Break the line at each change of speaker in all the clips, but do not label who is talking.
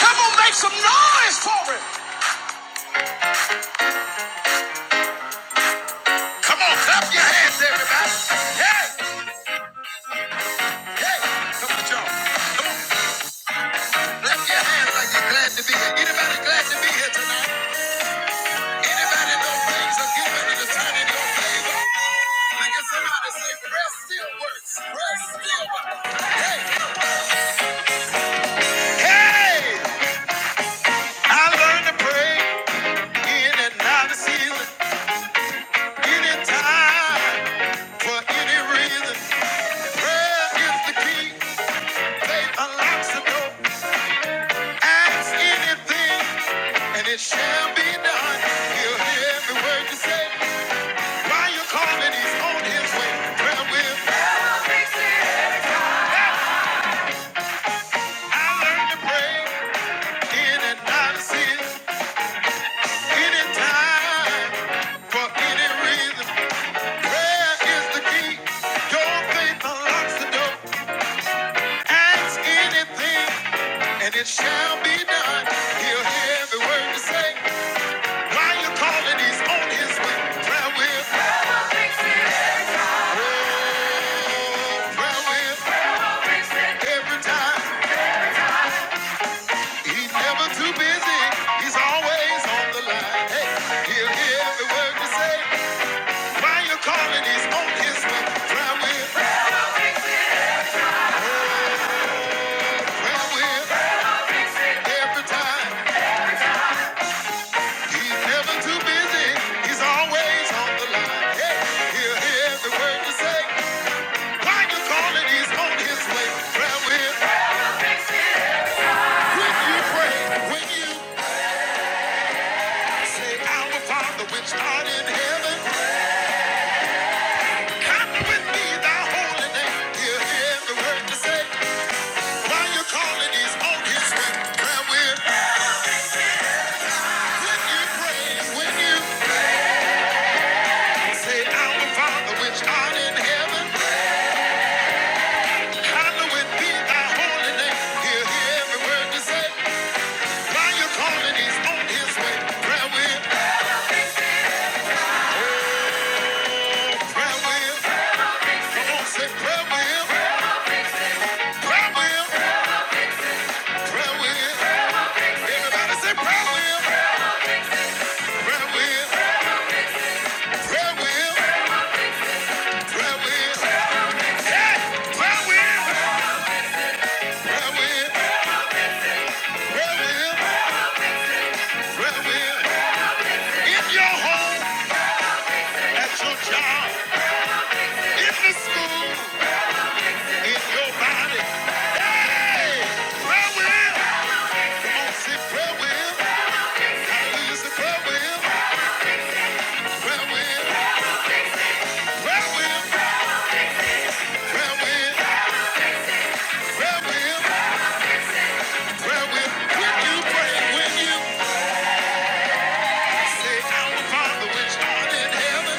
Come on, make some noise for it. Come on, clap your hands, everybody. Hey, hey, come on, y'all. Come on, clap your hands like you're glad to be here. Anybody glad to be here tonight? Anybody know things are given and it's turning your favor? Look at somebody say, prayer still works. Prayer still works. Hey, hey, I learned to pray in and out of season, anytime, for any reason. Prayer is the key. Faith unlocks the door. Ask anything, and it shall be done. He'll hear every word you say. While you're calling, he's on his way. Prayer will. I learned to pray in and out of sin, anytime, for any reason. Prayer is the key. Your faith unlocks the door. Ask anything, and it shall be done. He'll hear every word you say. While you're calling, he's on his way. Prayer will. Every time he's never too busy, he's always on the line. Hey, he'll hear every word you say. While you calling, he's on his way. Drive with, drive with. Every time he's never too busy, he's always on the line. Hey, he'll hear every word you say. While you calling, he's on his way. Drive with. When you pray, when you say, "Our Father which art in heaven," Happy with thy holy name. Hear, hear every word you say. While you calling, he's on his way. Prayer will. When you praise, when you say, Our Father, which art in heaven, hallowed be thy holy name. Hear, hear every word you say. While you calling, he's on his way. Prayer will. Prayer will. Come on, say prayer will. Prayer will. Prayer will. Everybody say prayer will. Prayer will. Prayer will. Prayer will. Father, which art in heaven,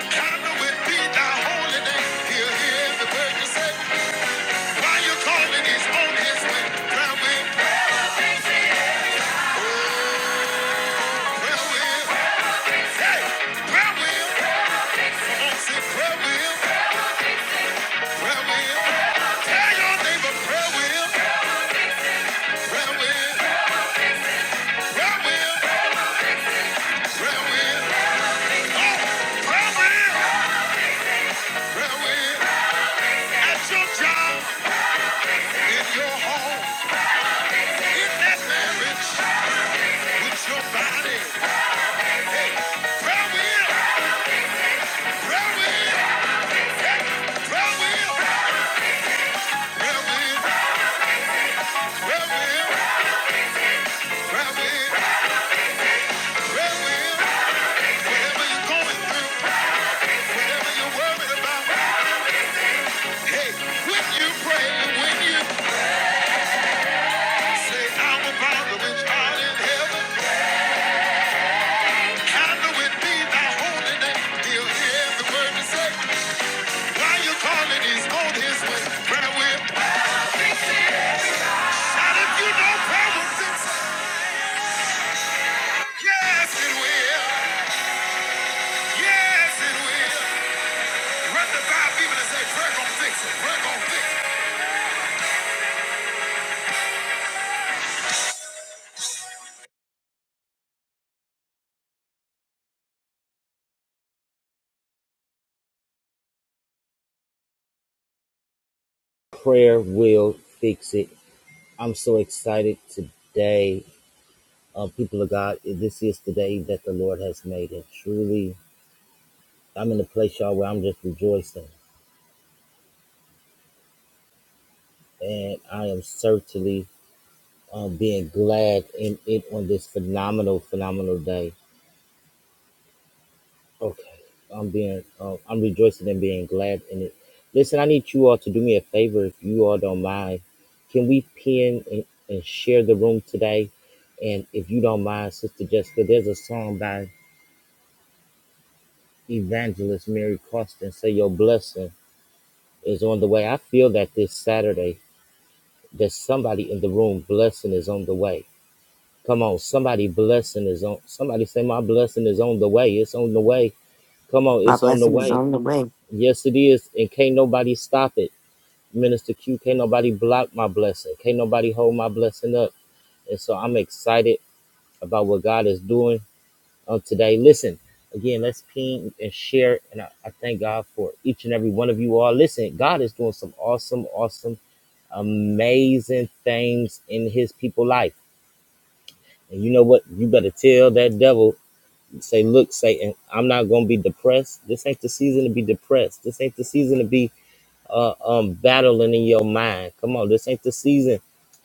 hallowed be thy holy name. Hear, hear the word you say. Why you calling his on his way? Prayer will, prayer will, hey, prayer will. Come on, say prayer will, prayer will. Tell your neighbor prayer will, prayer will, prayer will, prayer will. Oh, prayer will, prayer will. At your job, in your home, in that marriage, with your body. Prayer will, prayer will, hey, prayer will, prayer will, prayer will, prayer will, prayer will. Whatever you're going through, whatever you're worried about, hey, when you pray and when you say, Our Father which art in heaven, hallowed be thy holy name. He'll hear every word you say. While you're calling, he's on his way. Prayer will. Shout if you know prayer will fix it. Yes, it will. Yes, it will. Run the five people and say, prayer gonna fix it. Prayer gonna fix it.
Prayer will fix it. I'm so excited today, uh, people of God. This is the day that the Lord has made, and truly, I'm in a place, y'all, where I'm just rejoicing, and I am certainly um, being glad in it on this phenomenal, phenomenal day. Okay, I'm being, uh, I'm rejoicing and being glad in it. Listen, I need you all to do me a favor, if you all don't mind. Can we pin and, and share the room today? And if you don't mind, Sister Jessica, there's a song by Evangelist Mary Costin, "Say Your Blessing Is on the Way." I feel that this Saturday, there's somebody in the room. Blessing is on the way. Come on, somebody blessing is on. Somebody say, "My blessing is on the way. It's on the way. Come on,
My
it's on the
blessing is
way.
on the way.
Yes, it is. And can't nobody stop it. Minister Q, can't nobody block my blessing. Can't nobody hold my blessing up. And so I'm excited about what God is doing on today. Listen, again, let's ping and share. And I, I thank God for each and every one of you all. Listen, God is doing some awesome, awesome, amazing things in his people life. And you know what? You better tell that devil, say, look, Satan, I'm not going to be depressed. This ain't the season to be depressed. This ain't the season to be uh, um, battling in your mind. Come on, this ain't the season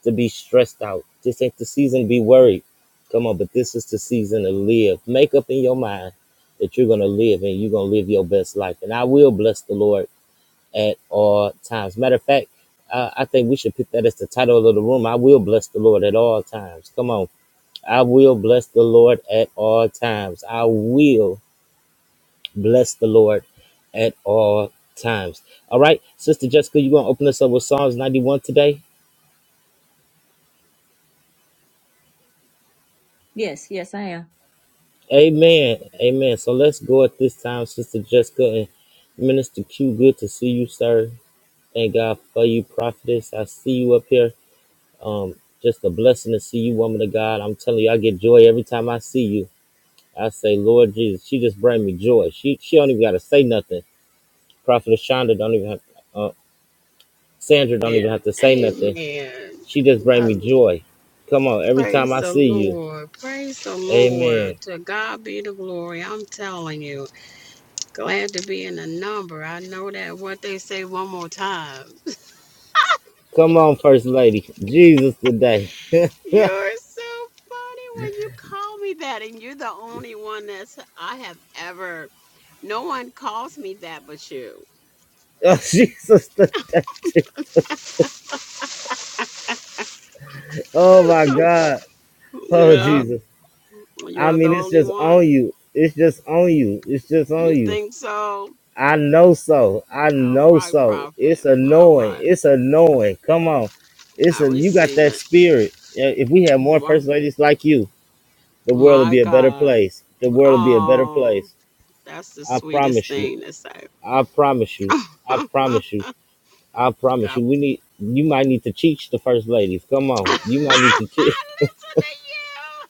to be stressed out. This ain't the season to be worried. Come on, but this is the season to live. Make up in your mind that you're gonna live and you're gonna live your best life. And I will bless the Lord at all times. Matter of fact, I, I think we should pick that as the title of the room. I will bless the Lord at all times. Come on. I will bless the Lord at all times. I will. Bless the Lord at all times. All right, Sister Jessica, you going to open us up with Psalms 91 today?
Yes, yes, I am.
Amen. Amen. So let's go at this time, Sister Jessica and Minister Q. Good to see you, sir. Thank God for you, prophetess. I see you up here. Um, just a blessing to see you, woman of God. I'm telling you, I get joy every time I see you. I say, Lord Jesus, she just bring me joy. She she don't even gotta say nothing. Prophetess Shonda don't even have, uh, Sandra don't even
Amen.
have to say nothing.
Amen.
She just bring
I
me joy. Come on, every time
praise
I
the
see you.
Lord. Praise the
Amen.
Lord. To God be the glory. I'm telling you, glad to be in the number. I know that what they say one more time.
Come on, First Lady. Jesus today. oh,
You're so funny when you call me that, and you're the only one that's I have ever. No one calls me that but you.
Jesus today. Oh my God. Oh
yeah,
Jesus. I
you're the
mean, it's
only
just on
one.
you. It's just on you. It's just
You
on you.
think so?
I know so. I
All
know
right,
so. It's
prophet. All
annoying.
right.
It's annoying. Come on. It's
I
a you got
receive it.
that spirit. Yeah, If we had more
Wow.
first ladies like you, the world would
My
be a better
God.
place. The world would be a better
Oh,
place.
that's the
I
sweetest
promise you.
thing to say.
I promise you.
God.
I promise you. I promise you. We need. You might need to teach the first ladies. Come
Listen
on. You might need to teach.
to you.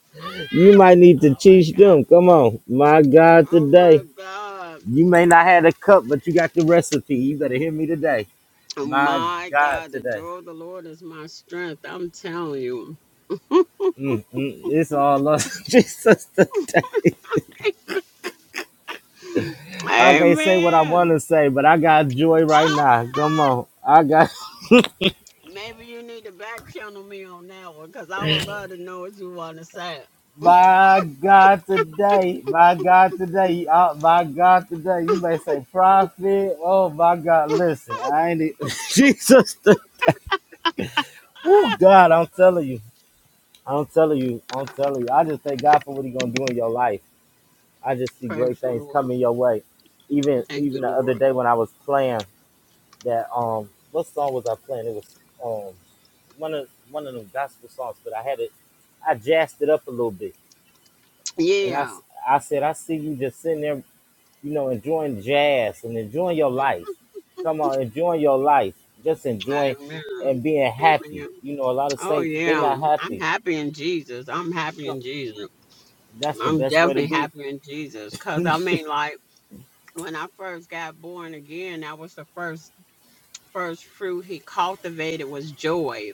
You might need to
Oh my
teach them.
God.
Come on. My God,
Oh my
today.
God.
You may not have the cup, but you got the recipe. You better hear me today.
Oh
My
my
God,
God. The
today.
joy of the Lord is my strength. I'm telling you.
Mm, mm, it's all up Jesus today. I can't say what I
Amen.
want to say, but I got joy right
Ah!
now. Come on. I got.
Maybe you need to back channel me on that one because I would love to know what you want to say.
My God, today, my God, today, uh, my God, today, you may say prophet. Oh, my God, listen, I ain't e- Jesus. Oh, God, I'm telling you, I'm telling you, I'm telling you. I just thank God for what He gonna do in your life. I just see great
Praise the
things
Lord.
coming your way. Even,
Thank
even
you,
the
Lord.
other day when I was playing that, um, what song was I playing? It was, um, one of one of them gospel songs, but I had it, I jazzed it up a little bit, and I, I
Yeah,
said, I see you just sitting there you know, enjoying jazz and enjoying your life. Come on, enjoying your life. Just enjoying and
amen.
being happy.
Amen.
You know, a lot of
Oh,
saints, they are
yeah.
not
I'm
happy.
happy in Jesus. I'm happy
No,
in Jesus.
That's the
I'm
best way to
definitely
be.
happy in Jesus. Because, I mean, like, when I first got born again, that was the first first fruit he cultivated was joy.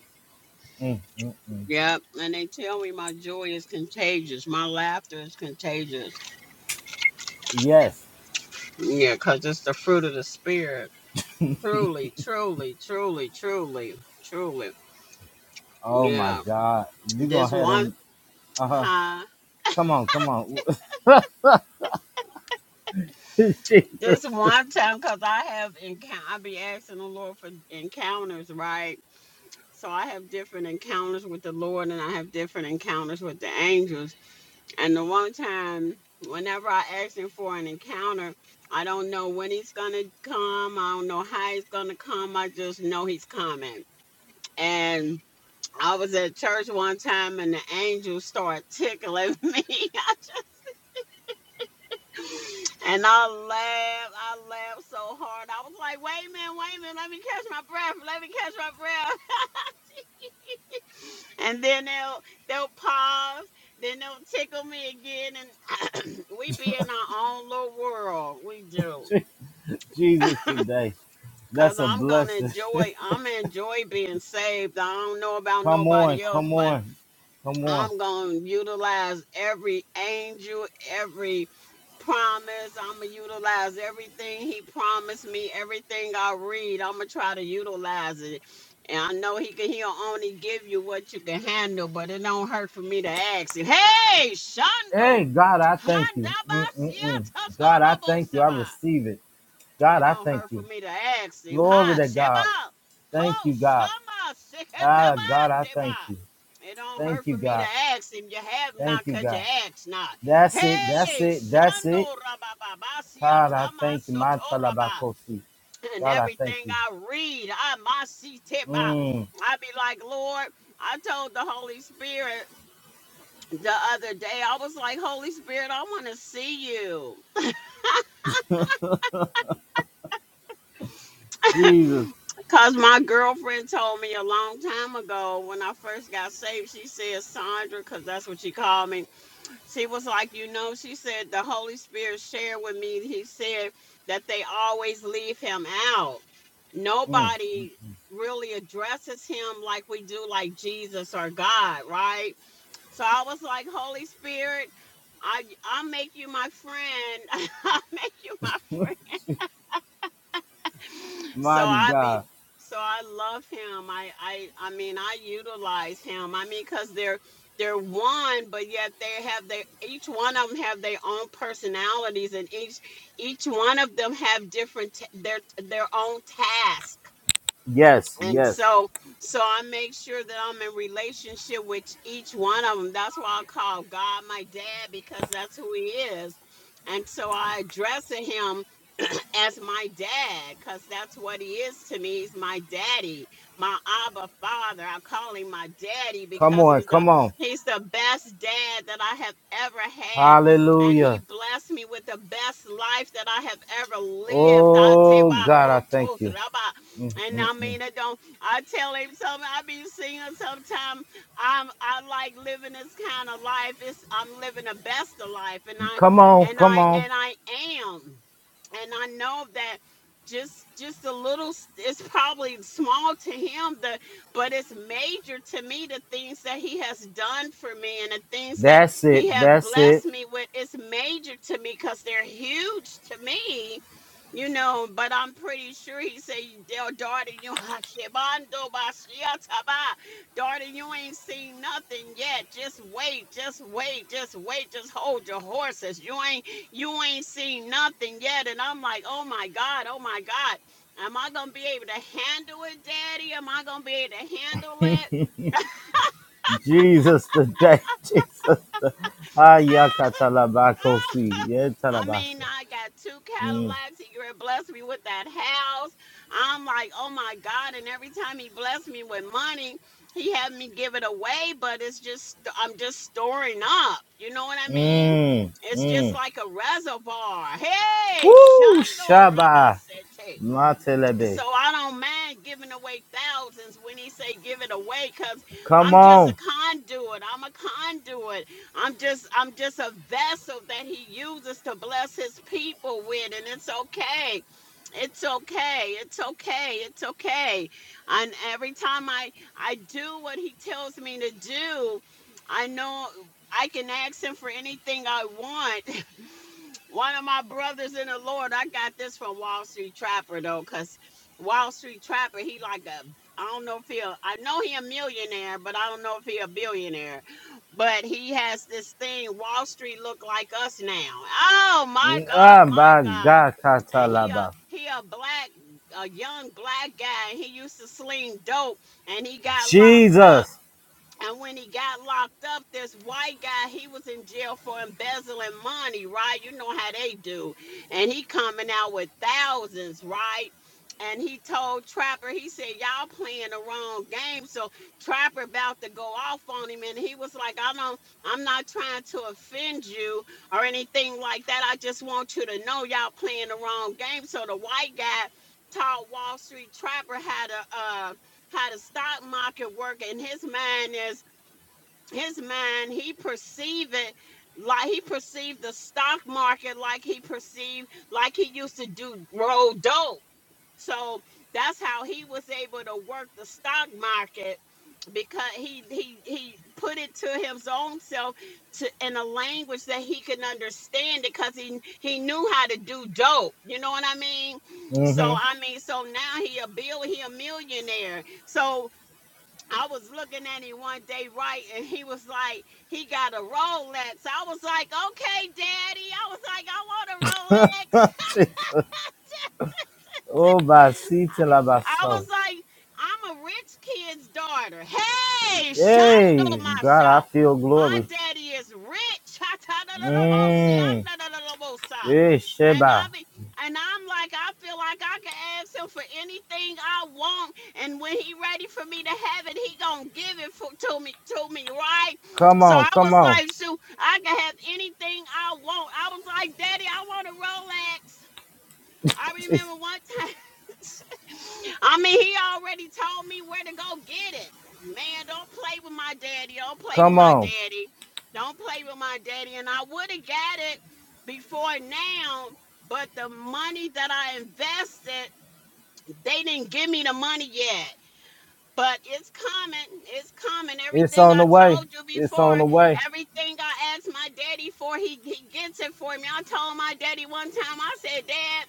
Mm, mm, mm.
Yep. And they tell me my joy is contagious. My laughter is contagious.
Yes.
Yeah, because it's the fruit of the Spirit. Truly, truly, truly, truly, truly.
Oh my
Yeah.
God. you going
This
to have
one,
them. Uh huh.
huh?
Come on, come on. Jesus,
This one time, because I have encounter, I be asking the Lord for encounters, right? So I have different encounters with the Lord, and I have different encounters with the angels. And the one time, whenever I ask Him for an encounter, I don't know when He's gonna come. I don't know how He's gonna come. I just know He's coming. And I was at church one time, and the angels started tickling me. I just And I laughed. I laughed so hard. I was like, wait a minute, wait a minute. Let me catch my breath. Let me catch my breath. And then they'll they'll pause. Then they'll tickle me again. And we be in our own little world. We do.
Jesus today.
Cause
That's a
I'm gonna
blessing.
enjoy. I'm gonna enjoy being saved. I don't know about
come on,
nobody else,
come
but.
on, come on.
I'm going to utilize every angel, every promise. I'm going to utilize everything he promised me, everything I read. I'm going to try to utilize it. And I know he can he'll only give you what you can handle, but it don't hurt for me to ask it. Hey, Shondo.
Hey, God, I thank you. Mm-mm-mm. God, I
Handabasiatatorobo
thank you. I
Saba
receive it. God,
and
I
on
thank
her for
you.
me to ask him,
Glory
hi,
to
Sheba,
God. Thank
ho,
you, God.
Shama,
Ah, God,
Seketaba,
I thank you.
Deba. It on her
Thank you,
for me to
God.
ask him, you have not,
Thank you,
cause you
God.
ask not.
That's it. That's
Hey,
it. That's
Shando
it.
Rababa, Basia
God, I
Tama
thank you. My
Soto
talabakosi.
And
God, I thank
everything
you.
I read, I Masi Teba.
Mm,
I be like, Lord, I told the Holy Spirit the other day, I was like, Holy Spirit, I want to see you.
Jesus.
Because my girlfriend told me a long time ago when I first got saved, she said, Sandra, because that's what she called me. She was like, You know, she said, the Holy Spirit shared with me, he said that they always leave him out.
Mm,
Nobody really addresses him like we do, like Jesus or God, right? So I was like, Holy Spirit, I, I'll make you my friend. I'll make you my friend so
mighty
I be
God.
so I love him. I I I mean I utilize him. I mean because they're they're one, but yet they have their each one of them have their own personalities, and each each one of them have different t- their their own task
Yes,
and
yes.
so so i make sure that i'm in relationship with each one of them that's why i call god my dad because that's who he is and so i address him as my dad because that's what he is to me he's my daddy my abba father i call him my daddy
Come
because
on.
he's the
Come on.
he's the best dad that i have ever had and he
Hallelujah.
blessed me with the best life that i have ever lived
Oh, God, I thank you. Mm,
And
mm,
I
mm.
mean, I don't. I tell him something. I be seeing sometimes. I'm. I like living this kind of life. It's. I'm living the best of life, and I.
Come on.
And
Come
I.
on.
And I am. And I know that. Just, just a little. s- It's probably small to him, the, but it's major to me. The things that he has done for me and the things that
That's
he
it.
have
That's
blessed
it.
me with. It's major to me because they're huge to me you know, but I'm pretty sure he said, "Yo, daughter, you Shibando Bashiataba. Daughter, you ain't seen nothing yet. Just wait, just wait, just wait, just hold your horses. You ain't you ain't seen nothing yet. And I'm like, oh my God, oh my God. Am I gonna be able to handle it, Daddy? Am I gonna be able to handle it?
Jesus today. Jesus.
Ah!
Ayakatalabakosi.
I mean,
Yetalabasa.
I got two
Mm.
Cadillacs. He blessed me with that house. I'm like, oh my God. And every time he blessed me with money, he had me give it away, but it's just, I'm just storing up. You know what I mean?
Mm.
It's just
Mm.
like a reservoir. Hey,
Woo!
Shando
Shaba.
Rabasete
Matelebe.
so I don't mind giving away thousands when he say give it away because
Come
I'm just a
on.
conduit. I'm a conduit. I'm just I'm just a vessel that he uses to bless his people with and it's okay. It's okay. It's okay. It's okay. And every time I I do what he tells me to do, I know I can ask him for anything I want One of my brothers in the Lord, I got this from Wall Street Trapper though, cause Wall Street Trapper, he like a, I don't know if he, a, I know he a millionaire, but I don't know if he a billionaire. But he has this thing, Wall Street look like us now. Oh my God, my God. And he a
Abagatalaba.
he a black a young black guy. He used to sling dope, and he got locked up
Jesus.
and when he got locked up, this white guy, he was in jail for embezzling money, right? You know how they do. And he coming out with thousands, right? And he told Trapper, he said, Y'all playing the wrong game. So Trapper about to go off on him. And he was like, I don't, I'm not trying to offend you or anything like that. I just want you to know y'all playing the wrong game. So the white guy taught Wall Street Trapper how to uh how the stock market work and his mind is his mind he perceive it like he perceived the stock market like he perceived like he used to do roll dope so that's how he was able to work the stock market because he he he put it to his own self to in a language that he can understand it because he he knew how to do dope you know what i mean so
Mm-hmm.
i mean so now he a bill he a millionaire so I was looking at him one day, right, and he was like, he got a Rolex. I was like, okay, daddy. I was like, I want a Rolex.
Jesus. Oh,
I was
basitalabaso.
like, I'm a rich kid's daughter. Hey, Shando
Hey, God,
Masha.
I feel
My
glory.
daddy is rich.
Mm. Hey,
And I
Sheba.
be, and I'm like, I feel like I can ask him for anything I want. And when he ready for me to have it, he gonna give it for, to me to me, right?
Come
So
on.
I was
Come on.
like, shoot, I can have anything I want. I was like, Daddy, I want a Rolex. I
Jeez,
remember one time. I mean, he already told me where to go get it. Man, don't play with my daddy. Don't play with
Come
my
on.
daddy. Don't play with my daddy. And I would have got it before now, but the money that I invested, they didn't give me the money yet. But it's coming. It's coming.
It's
Everything
on
I
the way.
told you
It's
before,
on the way.
everything I asked my daddy for, he, he gets it for me. I told my daddy one time, I said, Dad,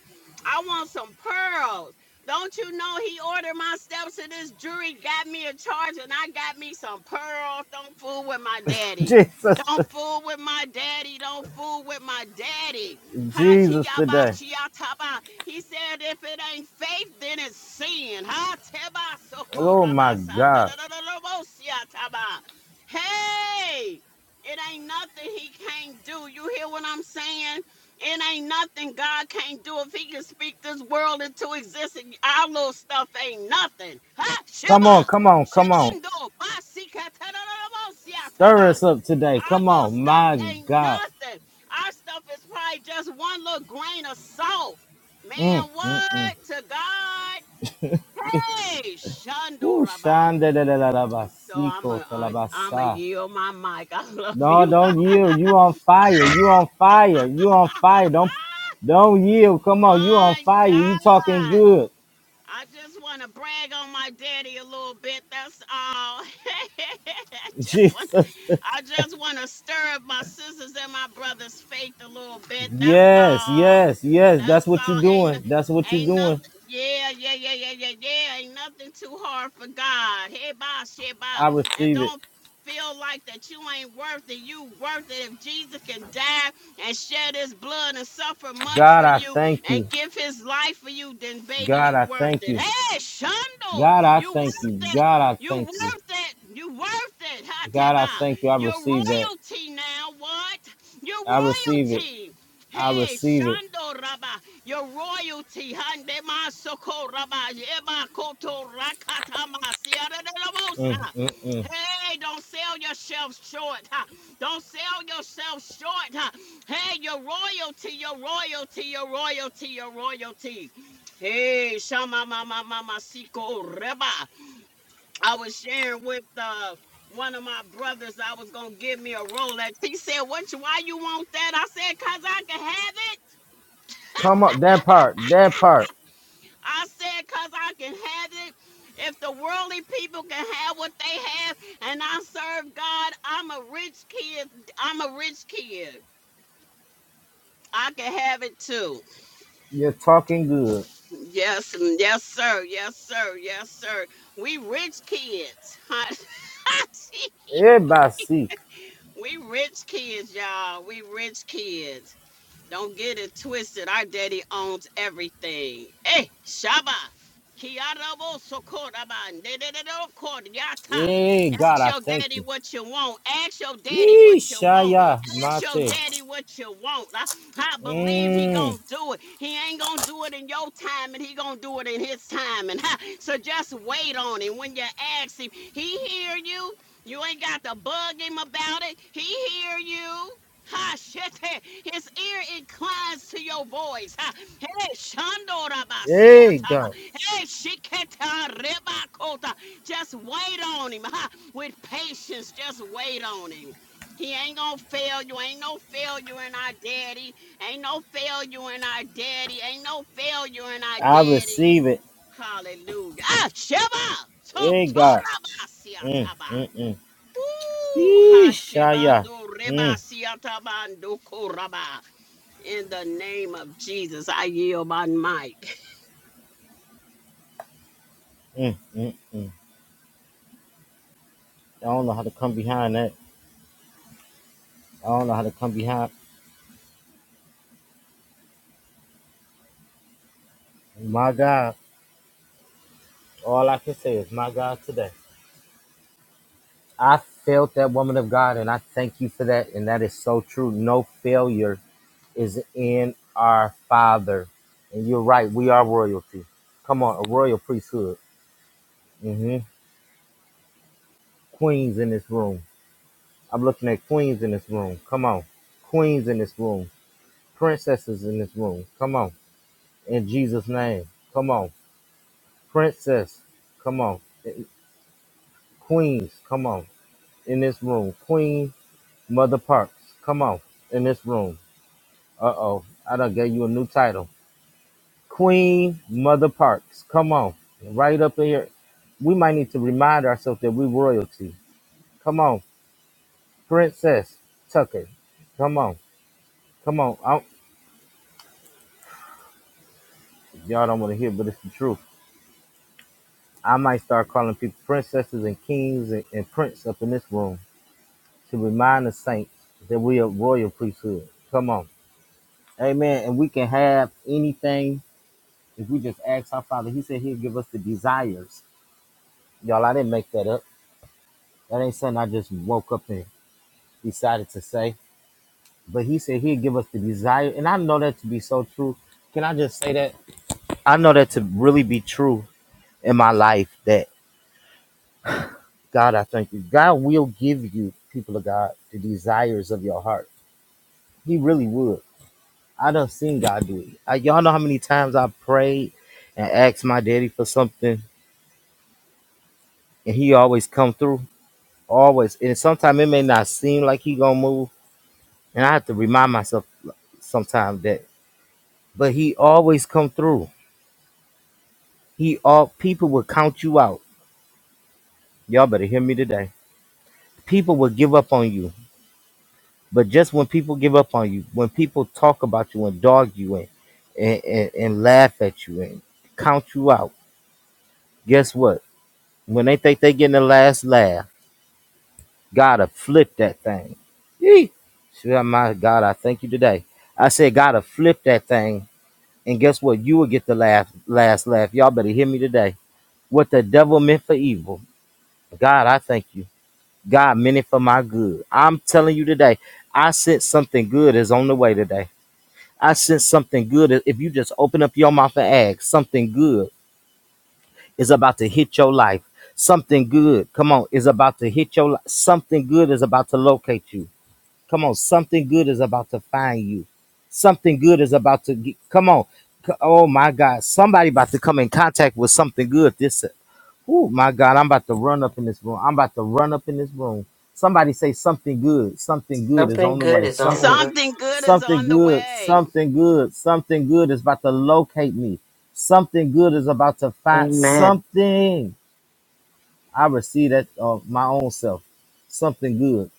I want some pearls. Don't you know he ordered my steps to this jury, got me a charge, and I got me some pearls. Don't fool with my daddy.
Jesus,
Don't fool with my daddy. Don't fool with my daddy.
Jesus today.
Hachiyabashiyataba. He said, if it ain't faith, then it's sin.
Oh my God.
Hatebasokorabasandadadadadabosiyataba. Hey, it ain't nothing he can't do. You hear what I'm saying? It ain't nothing God can't do. If he can speak this world into existence, our little stuff ain't nothing. Ha,
Come
Shiva!
on, come on, come on.
Shivando,
Stir
Basikataba
us up today.
our
Come
little
on,
stuff
my
ain't
God.
nothing. Our stuff is probably just one little grain of salt.
Mm,
Man,
mm, mm.
what to God?
Je-
Hey,
Ooh,
Shandoraba.
shanda da da da da ba,
So I'm
siko
a
ta la
uh,
ba
I'm a
sa.
yield my mic. I love
No,
you.
don't yield. You on fire. You on fire. You on fire. Don't don't yield. Come on. You on
my
fire. You talking
God.
good.
I just want to brag on my daddy a little bit. That's all. I just want to
Jesus.
I just want to stir up my sisters and my brothers' faith a little bit. That's
yes,
all.
yes, yes. That's
That's
what you
all.
are
Ain't no-
doing. That's what you are
ain't
doing.
nothing. Yeah, yeah, yeah, yeah, yeah, yeah. Ain't nothing too hard for God. Hey, bye, shit, bye.
I
and
receive it.
don't feel like that you ain't worth it. You worth it. If Jesus can die and shed His blood and suffer much
God,
for
I
you
thank you.
and give His life for you, then baby,
God,
you
I
worth
thank
it.
you.
Hey, Shundo,
God, I
you
thank you.
worth it.
God, I
You
thank you.
worth it. You worth it.
God, I
Hateba.
thank you. I
You're
receive that.
royalty now. What? You're
I receive it.
royalty.
I
Hey,
receive it.
Shando Rabba, your royalty, Hande Masoko Rabba, Eba Koto Rakatama, Sierra de la
Mm,
Mosa.
mm, mm.
Hey, don't sell yourself short. huh? Don't sell yourself short. huh? Hey, your royalty, your royalty, your royalty, your royalty. Hey, Shama Mama Mama Siko Reba. I was sharing with uh, one of my brothers I was gonna give me a Rolex. He said, What you- why you want that? I said, Cause I can have it.
Come up that part, that part.
I said, because I can have it. If the worldly people can have what they have and I serve God, I'm a rich kid. I'm a rich kid. I can have it too.
You're talking good.
Yes, mm, yes, sir. Yes, sir. Yes, sir. We rich kids.
Everybody see.
we rich kids, y'all. We rich kids. Don't get it twisted. Our daddy owns everything. Hey, Shaba. Kiarabo sokoraba nededo
Yeah, God,
Ask
I
your
thank
daddy
you.
what you want. Ask your daddy what you want.
Ishaya
Ask your
Mate.
daddy what you want. I, I believe he gonna
Mm.
do it. He ain't gonna do it in your time, and he gonna do it in his time. And so just wait on him. When you ask him, he hear you. You ain't got to bug him about it. He hear you. Ha shit. hey, His ear inclines to your voice. Ha. Hey, Shandora Basia
Hey,
Taba.
God.
Hey, Shiketa Rebakota. Just wait on him ha, with patience. Just wait on him. He ain't gonna fail you. Ain't no failure in our daddy. Ain't no failure in our daddy. Ain't no failure in our
I
daddy.
receive it.
Hallelujah. Ah, Sheba! To-
Hey, God. Mm,
Torabasiataba.
mm, mm.
Ooh, ha,
Ishaya. Mm,
Rebasiatabando Koraba. In the name of Jesus, I yield my mic.
mm, mm, mm. I don't know how to come behind that. I don't know how to come behind my God. All I can say is my God today. I felt that woman of God, and I thank you for that. And that is so true. No failure is in our Father. And you're right. We are royalty. Come on, a royal priesthood. hmm Queens in this room. I'm looking at queens in this room. Come on. Queens in this room. Princesses in this room. Come on. In Jesus' name. Come on. Princess. Come on. Queens, come on, in this room. Queen Mother Parks, come on, in this room. Uh oh, I done gave you a new title. Queen Mother Parks, come on, right up in here. We might need to remind ourselves that we royalty. Come on, Princess Tucker, come on, come on. I don't- y'all don't want to hear, but it's the truth. I might start calling people princesses and kings and, and prince up in this room to remind the saints that we are royal priesthood. Come on. Amen. And we can have anything if we just ask our Father. He said He'll give us the desires. Y'all, I didn't make that up. That ain't something I just woke up and decided to say. But He said He'll give us the desire. And I know that to be so true. Can I just say that? I know that to really be true in my life that God, I thank you. God will give you, people of God, the desires of your heart. He really would. I done seen God do it. I, y'all know how many times I prayed and asked my daddy for something and he always come through. Always, and sometimes it may not seem like he gonna move, and I have to remind myself sometimes that. But he always come through. He all people will count you out. Y'all better hear me today. People will give up on you, but just when people give up on you, when people talk about you and dog you and and, and, and laugh at you and count you out, guess what? When they think they getting the last laugh God afflict that thing. Yee. Swear my God, I thank you today. I said, God afflict that thing. And guess what? You will get the last last laugh. Y'all better hear me today. What the devil meant for evil. God, I thank you. God meant it for my good. I'm telling you today, I sense something good is on the way today. I sense something good. If you just open up your mouth and ask, something good is about to hit your life. Something good, come on, is about to hit your life. Something good is about to locate you Come on, something good is about to find you. Something good is about to get, come on. C- Oh my God, somebody about to come in contact with something good. This, oh my God, I'm about to run up in this room. I'm about to run up in this room. Somebody say something good. Something good is
Something
on the
good
way.
is on the
Something,
way.
Something good is
something
on the
good,
way.
something good, something good is about to locate me. Something good is about to find
Amen.
something. I receive that of my own self. Something good.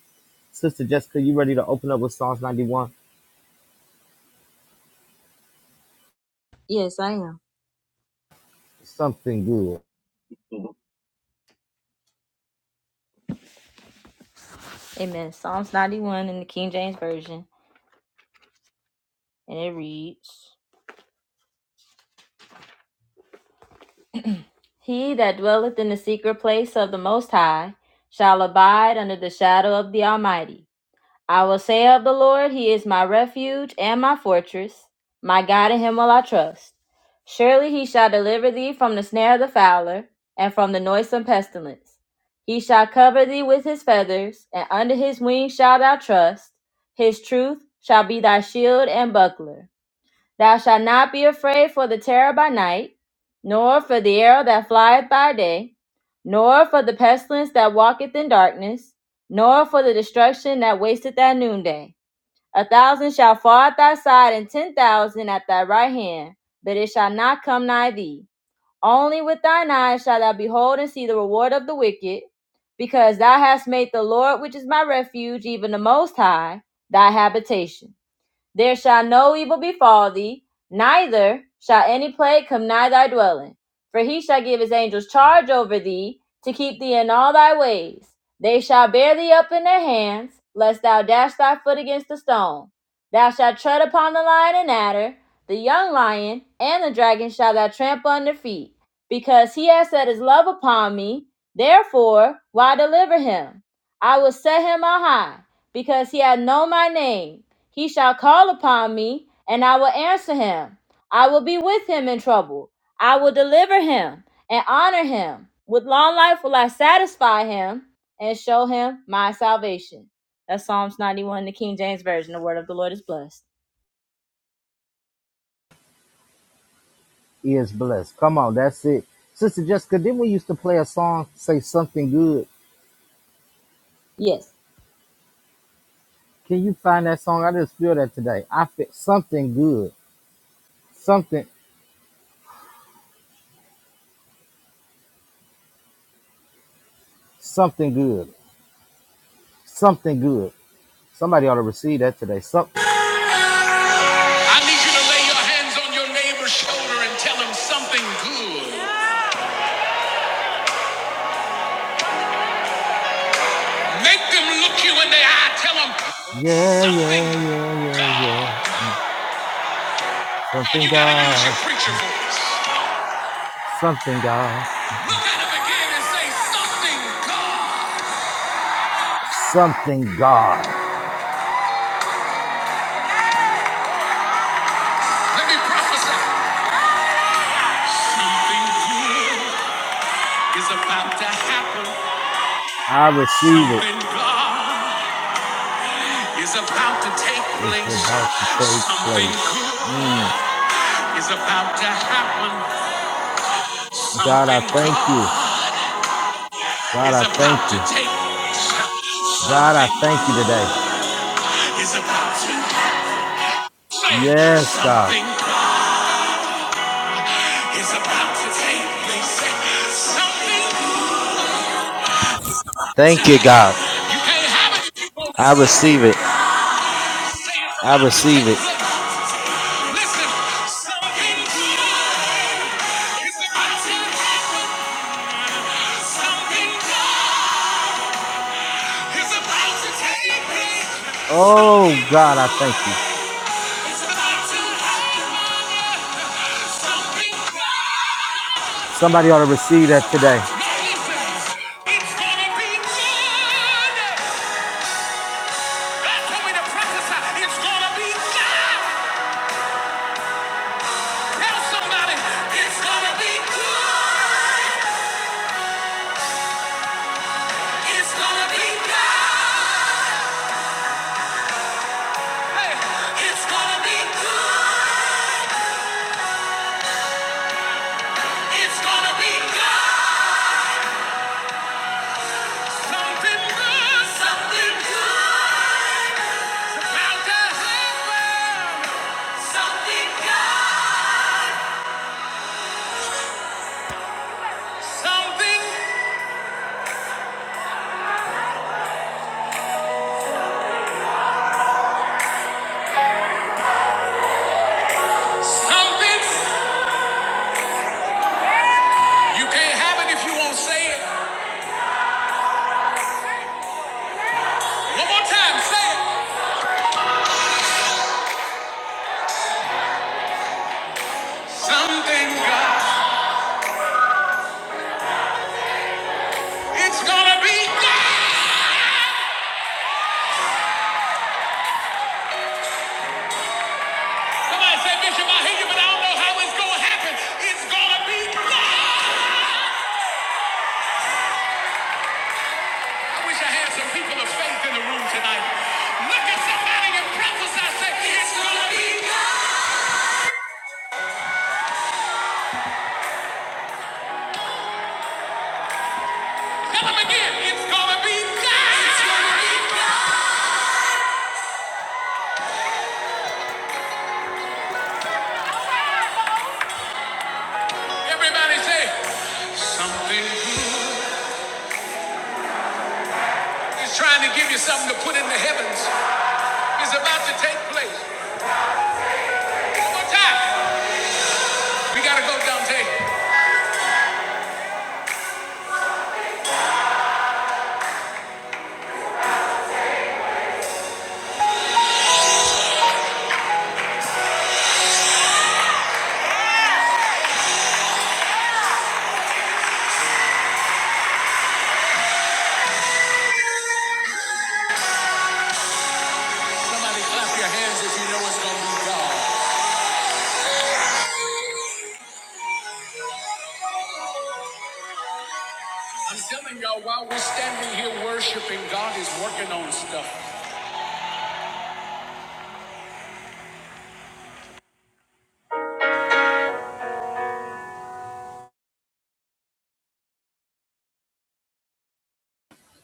Sister Jessica, you ready to open up with Psalms 91?
Yes, I am.
Something good
Amen. Psalms 91 in the King James Version. and it reads He that dwelleth in the secret place of the Most High shall abide under the shadow of the Almighty. I will say of the Lord, He is my refuge and my fortress. My God, in Him will I trust. Surely He shall deliver thee from the snare of the fowler and from the noisome pestilence. He shall cover thee with His feathers, and under His wings shalt thou trust. His truth shall be thy shield and buckler. Thou shalt not be afraid for the terror by night, nor for the arrow that flieth by day, nor for the pestilence that walketh in darkness, nor for the destruction that wasteth at noonday. A thousand shall fall at thy side, and ten thousand at thy right hand, but it shall not come nigh thee. Only with thine eyes shalt thou behold and see the reward of the wicked, because thou hast made the Lord, which is my refuge, even the Most High, thy habitation. There shall no evil befall thee, neither shall any plague come nigh thy dwelling. For he shall give his angels charge over thee, to keep thee in all thy ways. They shall bear thee up in their hands, lest thou dash thy foot against a stone. Thou shalt tread upon the lion and adder, the young lion, and the dragon shall thou trample under feet. Because he has set his love upon me, therefore will I deliver him. I will set him on high, because he hath known my name. He shall call upon me, and I will answer him. I will be with him in trouble. I will deliver him and honor him. With long life will I satisfy him and show him my salvation. That's Psalms 91 the King James Version. The word of the Lord is blessed.
is blessed. Come on, that's it. Sister Jessica, didn't we used to play a song, say something good?
Yes.
Can you find that song? I just feel that today. I feel something good. Something, something good. Something good. Somebody ought to receive that today. Some,
I need you to lay your hands on your neighbor's shoulder and tell him something good. Make them look you in the eye. Tell them
yeah,
something
yeah, yeah, yeah, yeah.
God.
Mm.
Now
Something
you got to use your
God.
preacher voice.
Something God.
Look at him again and say something, God.
Something God.
Let me prophesy. Something good is about to happen.
I receive it.
Something God is about to take
It's
place.
about to take
Something
place.
good
Mm.
is about to happen.
God, I
Something
thank you.
God
God,
is
I
about
thank
to
you.
take place.
God, I
Something
thank you today.
is about to say
Yes, God.
something God is about to take place. Something good.
Thank you, God.
You can't have it.
I receive it. I receive it.
something good is about to happen. Something good is about to take place.
Oh,
Something
God, I
good
thank you.
is about to happen. Something good.
Somebody ought to receive that today.
listen, it's gonna be good. God told me to prophesy. It's gonna be good. Tell somebody, it's gonna be good. It's gonna be God. Hey. It's gonna be good. It's gonna be God. Something good. Something good. Something God. Something. Something. You can't have it if you won't say it. One more time. Say it. Something God. It's gonna be God. Somebody say, Bishop, I hear you, but I don't know how it's gonna happen. It's gonna be God. I wish I had some people of faith in the room tonight. Look at somebody and prophesy. Say, it's gonna be God. Tell them again, it's gonna be God. It's gonna be God. Everybody say, something good is trying to give you something to put in the heavens. It's about to take place. One more time. We gotta go, Dante. Somebody clap your hands if you know it's gonna be God. I'm telling y'all, while we're standing here worshiping, God is working on stuff.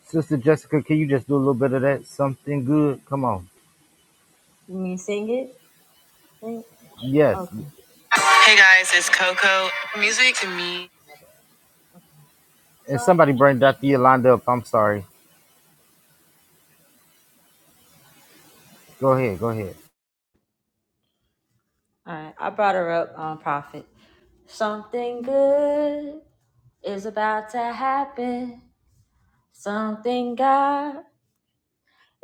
Sister Jessica, can you just do a little bit of that? Something good? Come on.
You mean sing it? Sing.
Yes.
Okay. Hey guys, it's Coco. Music to me. So,
And
all
somebody bring Dr. Yolanda up. I'm sorry. Go ahead. Go ahead.
right, I brought her up on profit. Something good is about to happen. Something God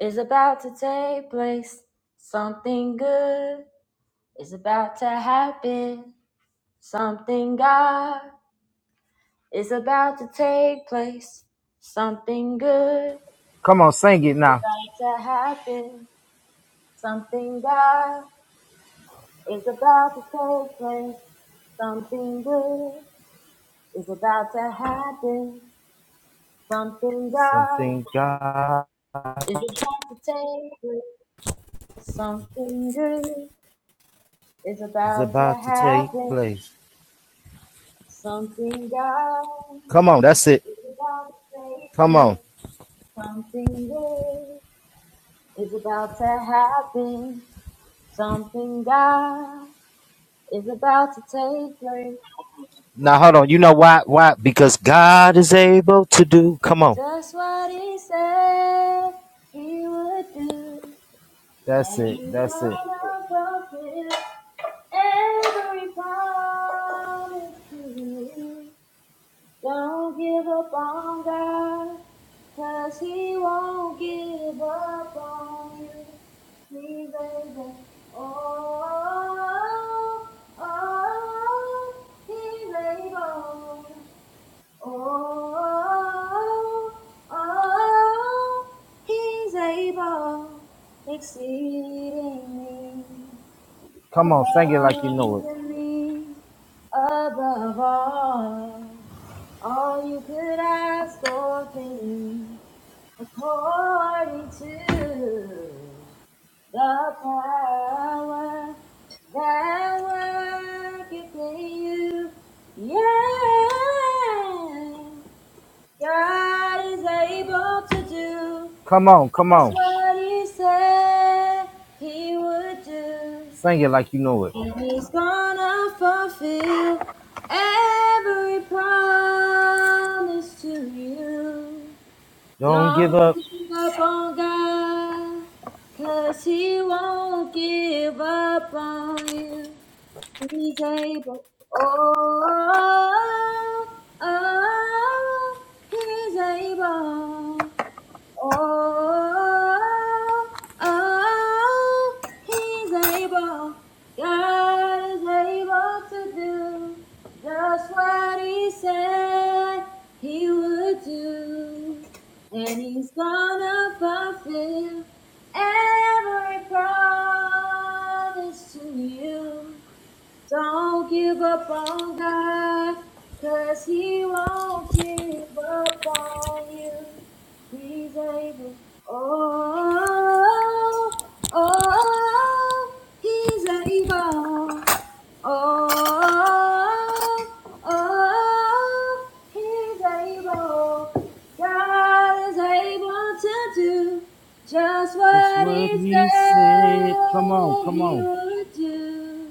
is about to take place. Something good is about to happen. Something God is about to take place. Something good
Come on, sing it
is
now.
about to happen. Something God is about to take place. Something good is about to happen. Something God
Something God
is about to take. place. Something good is
is
about to
about to take
happen.
place.
Something God
Come on. That's it.
is about to take.
Come on.
place. Something good is about to happen. Something God is about to take place.
Now, hold on. You know why? Why? Because God is able to do. Come on.
Just what He said He would do,
That's
and
it.
He's
That's it.
gonna fulfill. Every promise to you. Don't give up on God, 'cause He won't give up on you. Me, baby. Oh, oh, oh, oh, oh, oh. oh. He's able, exceedingly,
Come on, sing it like you know it.
abundantly, above all. All you could ask or think according to the power that worketh in you. Yeah, God is able to do
Come on, come
just
on.
what He said He would do,
Sing it like you know it.
and He's gonna fulfill every promise to you.
Don't give
Don't
up.
keep on- oh, oh, he's, oh, oh, he's able. God is able. He, oh, he's able. God is able to do just
It's
what
what
he
he
said
said. Come on, come
he
on.
would do.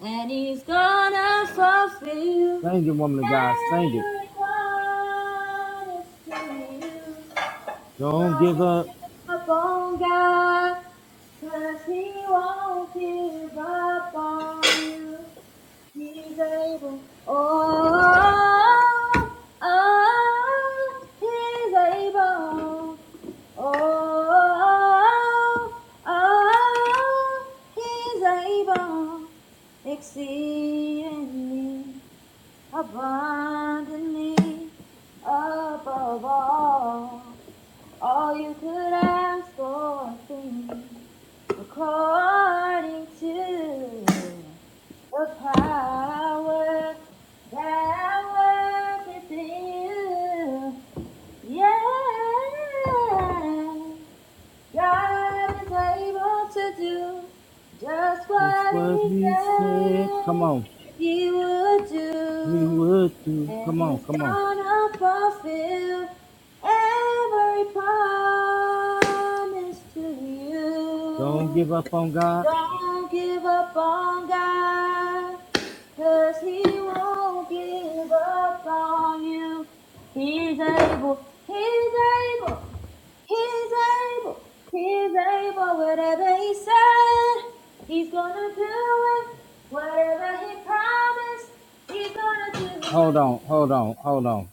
And he's gonna fulfill
Sing it, woman of God. Sing it. Don't give up.
Upon God, cause he won't give up on you. Oh, he's a, oh, oh, he's a, extending abundantly above all, all things according to The power that worketh in you. Yeah. God is able to do just
Just
what
what
he
he said.
said
Come on.
he would
He
do.
would do.
And
Come on,
he's
come on.
gonna fulfill every promise to you.
Don't give up on God.
Don't give up on God. Cause he won't give up on you. He's able, he's able, he's able, he's able. Whatever he said, he's gonna do it. Whatever he promised, he's gonna do
Hold
it.
on, hold on, hold on.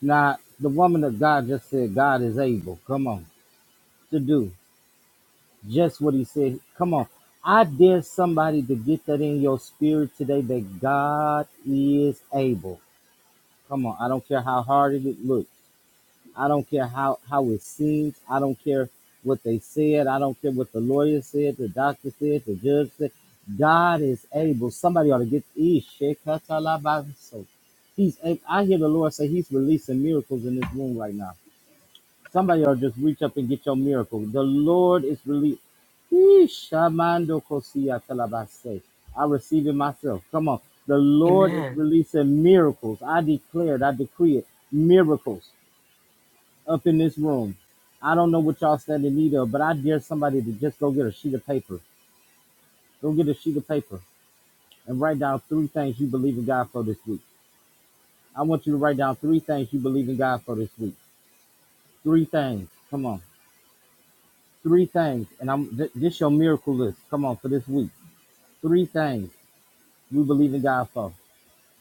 Now, the woman of God just said God is able. Come on. To do. Just what he said. Come on. I dare somebody to get that in your spirit today that God is able. Come on. I don't care how hard it looks. I don't care how, how it seems. I don't care what they said. I don't care what the lawyer said, the doctor said, the judge said. God is able. Somebody ought to get Ishekatalabaso. He's able. I hear the Lord say he's releasing miracles in this room right now. Somebody ought to just reach up and get your miracle. The Lord is released. I receive it myself. Come on. The Lord is
Amen.
releasing miracles. I declared, I decree it. Miracles up in this room. I don't know what y'all stand in need of, but I dare somebody to just go get a sheet of paper. Go get a sheet of paper and write down three things you believe in God for this week. I want you to write down three things you believe in God for this week. Three things. Come on. Three things, and I'm th- this your miracle list. Come on for this week. Three things we believe in God for.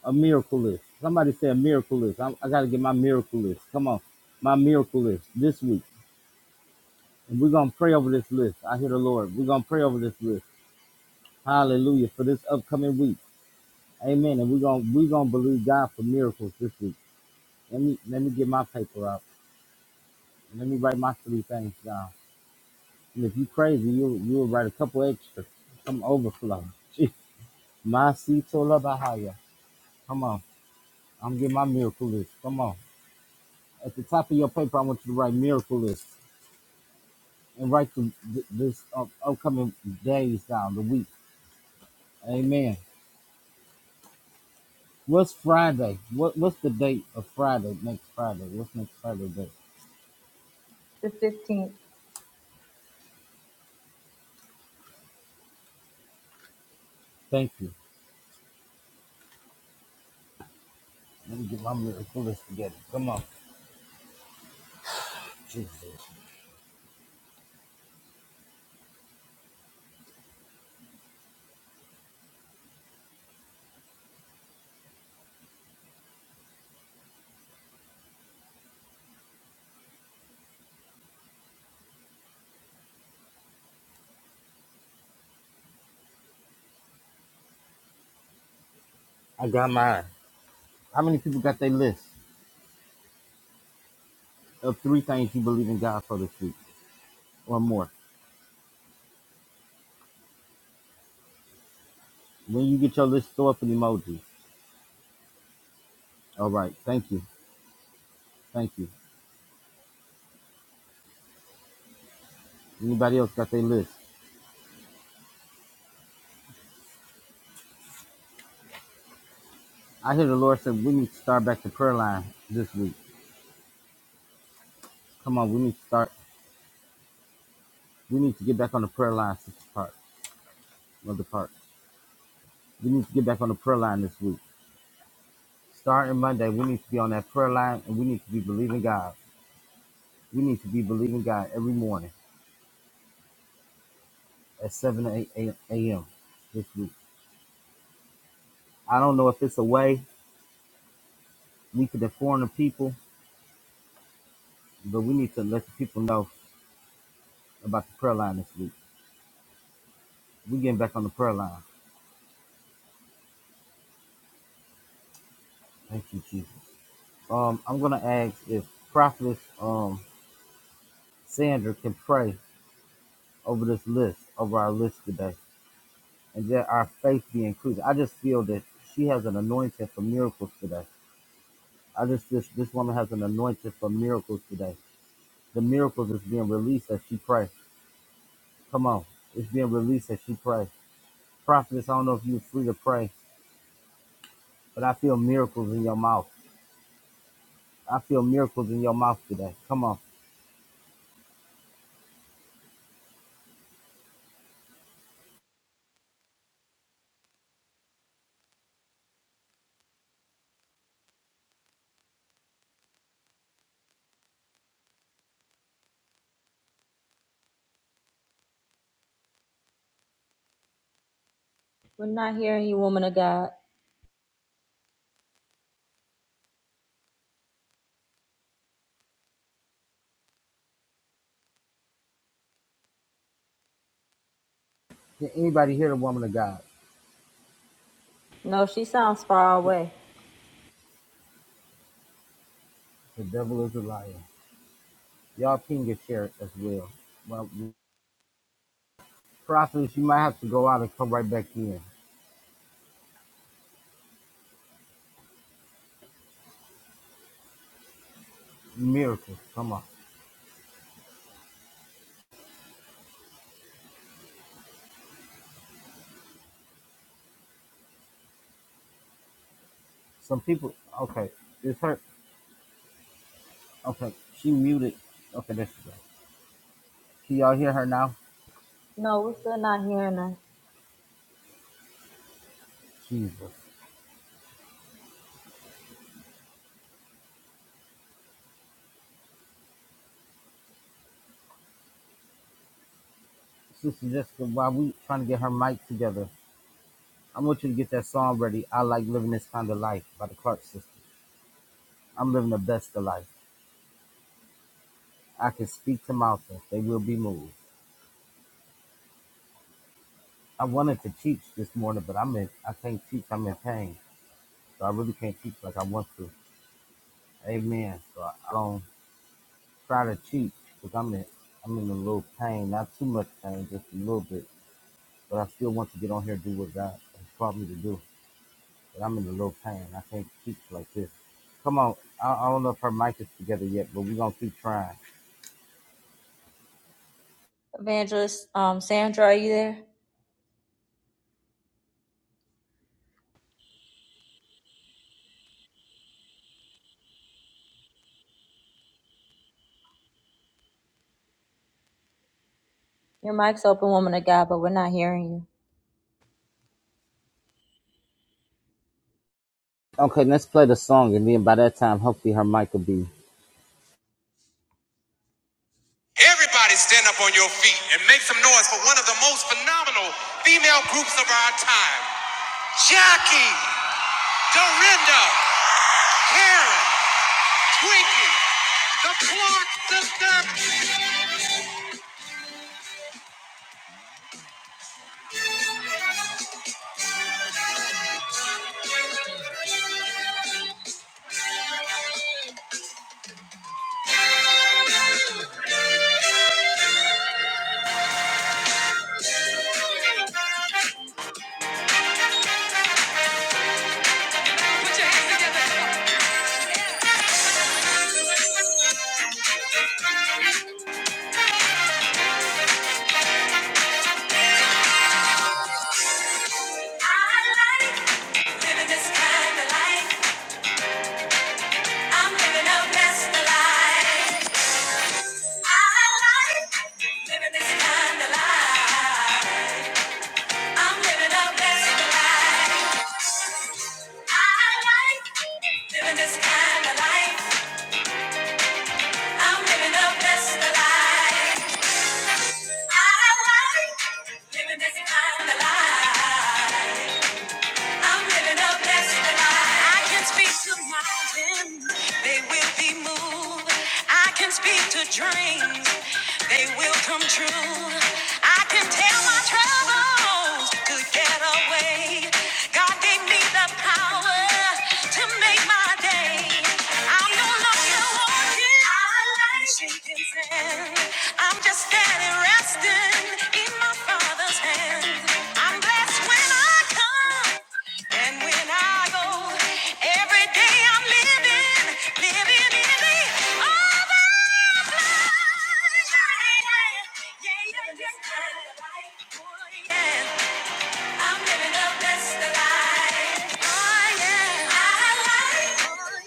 A miracle list. Somebody say a miracle list. I'm, I got to get my miracle list. Come on, my miracle list this week, and we're gonna pray over this list. I hear the Lord. We're gonna pray over this list. Hallelujah for this upcoming week. Amen. And we're gonna we're gonna believe God for miracles this week. Let me let me get my paper out. Let me write my three things down. And if you crazy, you you'll write a couple extra. Some overflow. Masitola Bahaya. Come on. I'm getting my miracle list. Come on. At the top of your paper, I want you to write miracle list and write the, th- this up, upcoming days down, the week. Amen. What's Friday? What What's the date of Friday? Next Friday. What's next Friday date? Thank you. Let me get my miracle list together. Come on. Jesus. I got mine. How many people got their list of three things you believe in God for this week or more? When you get your list, throw up an emoji. All right. Thank you. Thank you. Anybody else got their list? I hear the Lord said we need to start back the prayer line this week. Come on, we need to start. We need to get back on the prayer line, Sister Park, Mother Park. We need to get back on the prayer line this week. Starting Monday, we need to be on that prayer line and we need to be believing God. We need to be believing God every morning at 7 to 8 a.m. this week. I don't know if it's a way we could inform the people, but we need to let the people know about the prayer line this week. We're getting back on the prayer line. Thank you, Jesus. Um, I'm gonna ask if Prophetess um Sandra can pray over this list, over our list today, and that our faith be increased. I just feel that she has an anointing for miracles today. I just this this woman has an anointing for miracles today. The miracles is being released as she prays. Come on, it's being released as she prays. Prophetess, I don't know if you're free to pray, but I feel miracles in your mouth. I feel miracles in your mouth today. Come on,
We're not hearing you, woman of God.
can anybody hear the woman of God?
No, she sounds far away.
The devil is a liar. Y'all ping your share as well. Well, prophetess, you might have to go out and come right back in. Miracles, come on. Some people, okay, it's her. Okay, she muted. Okay, there she go. Can y'all hear her now? Jesus. Sister Jessica, while we trying to get her mic together, I want you to get that song ready. I like living this kind of life by the Clark sisters. I'm living the best of life. I can speak to mountains; they will be moved. I wanted to teach this morning, but I'm in. I can't teach. I'm in pain, so I really can't teach like I want to. Amen. So I don't try to cheat because I'm in I'm in a little pain, not too much pain, just a little bit. But I still want to get on here and do what God has called me to do. But I'm in a little pain. I can't cheat like this. Come on. I, I don't know if her mic is together yet, but we're gonna keep trying.
Evangelist, um, Sandra, are you there? Your mic's open, woman of God, but we're not hearing you.
Okay, let's play the song and then by that time hopefully her mic will be
Everybody stand up on your feet and make some noise for one of the most phenomenal female groups of our time. Jackie, Dorinda, Karen, Twinkie, the Clark Sisters. Put your hands together. I like. Living this kind of life, I'm living a best life. I like living this kind of life. I'm living a best life. I like living this kind of life. I'm living a best life. I like living this kind of life. I'm living a blessed life. I can speak to mountains, they will be moved. I can speak to dreams, they will come true. I can tell my troubles to get away. God gave me the power to make my day. I'm no longer walking. I'm just standing, resting in my Father's hand. I'm blessed when I come and when I go. Every day I'm living, living in the overflow. Yeah, yeah, yeah. yeah, yeah, yeah. I'm living the best that I- I am. I like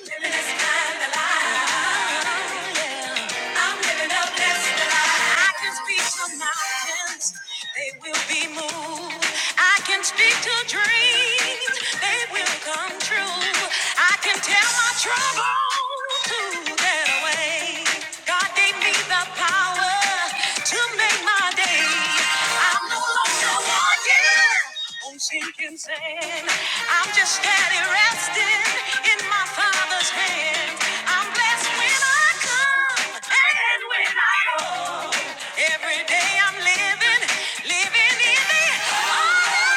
living this kind of life. I'm living the best that I- I can speak to mountains, They will be moved big to dreams, they will come true. I can tell my troubles to get away. God gave me the power to make my day. I'm no longer walking on sinking sand. I'm just steady resting in my Father's hand. I'm blessed when I come and when I go. Every day I'm living, living in the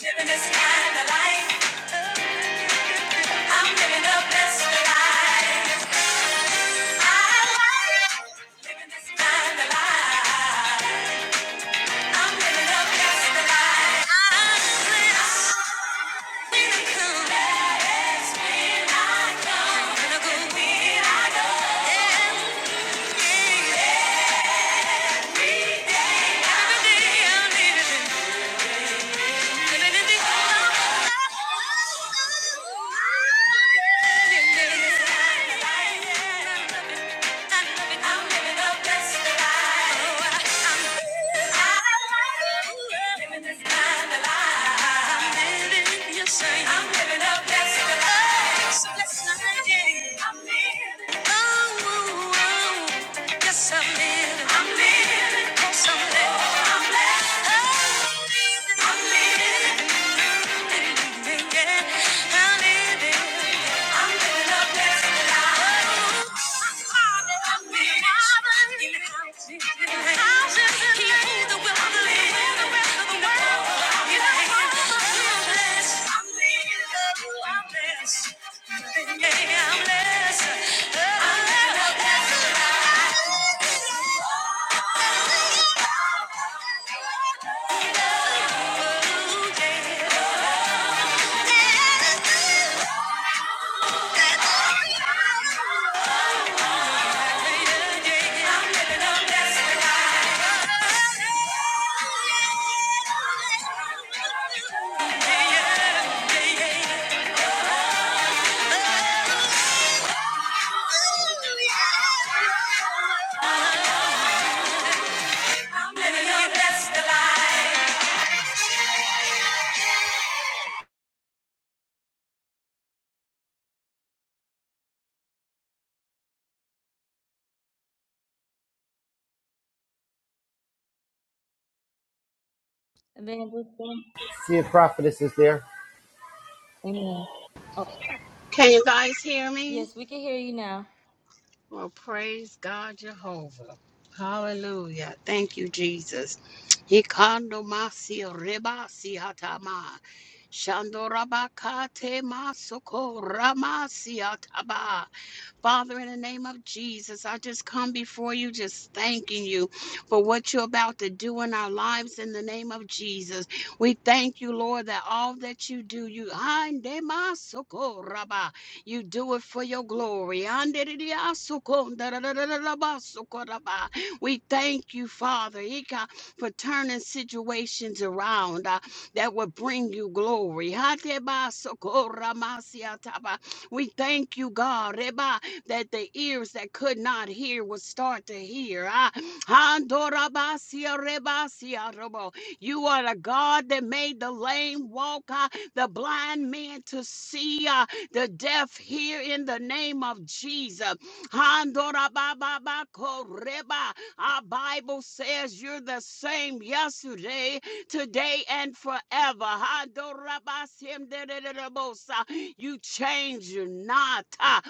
Living this kind of life. I'm living up past the light. I'm blessed. When I come, that's when I come. When I go, when I go. Every day, every day I'm living, living in the good life. I'm living. Yeah. Evangelista.
See a prophetess is there.
Amen. Oh,
Can you guys hear me?
yes, we can hear you now.
Well, praise God Jehovah. Hallelujah. Thank you, Jesus. Hikando masi reba si hatama. Shando rabakate masoko ramasi hataba. Father, in the name of Jesus, I just come before you, just thanking you for what you're about to do in our lives in the name of Jesus. We thank you, Lord, that all that you do, you Hande masoko raba. You do it for your glory. We thank you, Father, for turning situations around uh, that will bring you glory. We thank you, God, that the ears that could not hear will start to hear. Ah, You are the God that made the lame walk, ah, the blind man to see. uh, the deaf hear in the name of Jesus. Our Bible says you're the same yesterday, today, and forever. You change not. Ah,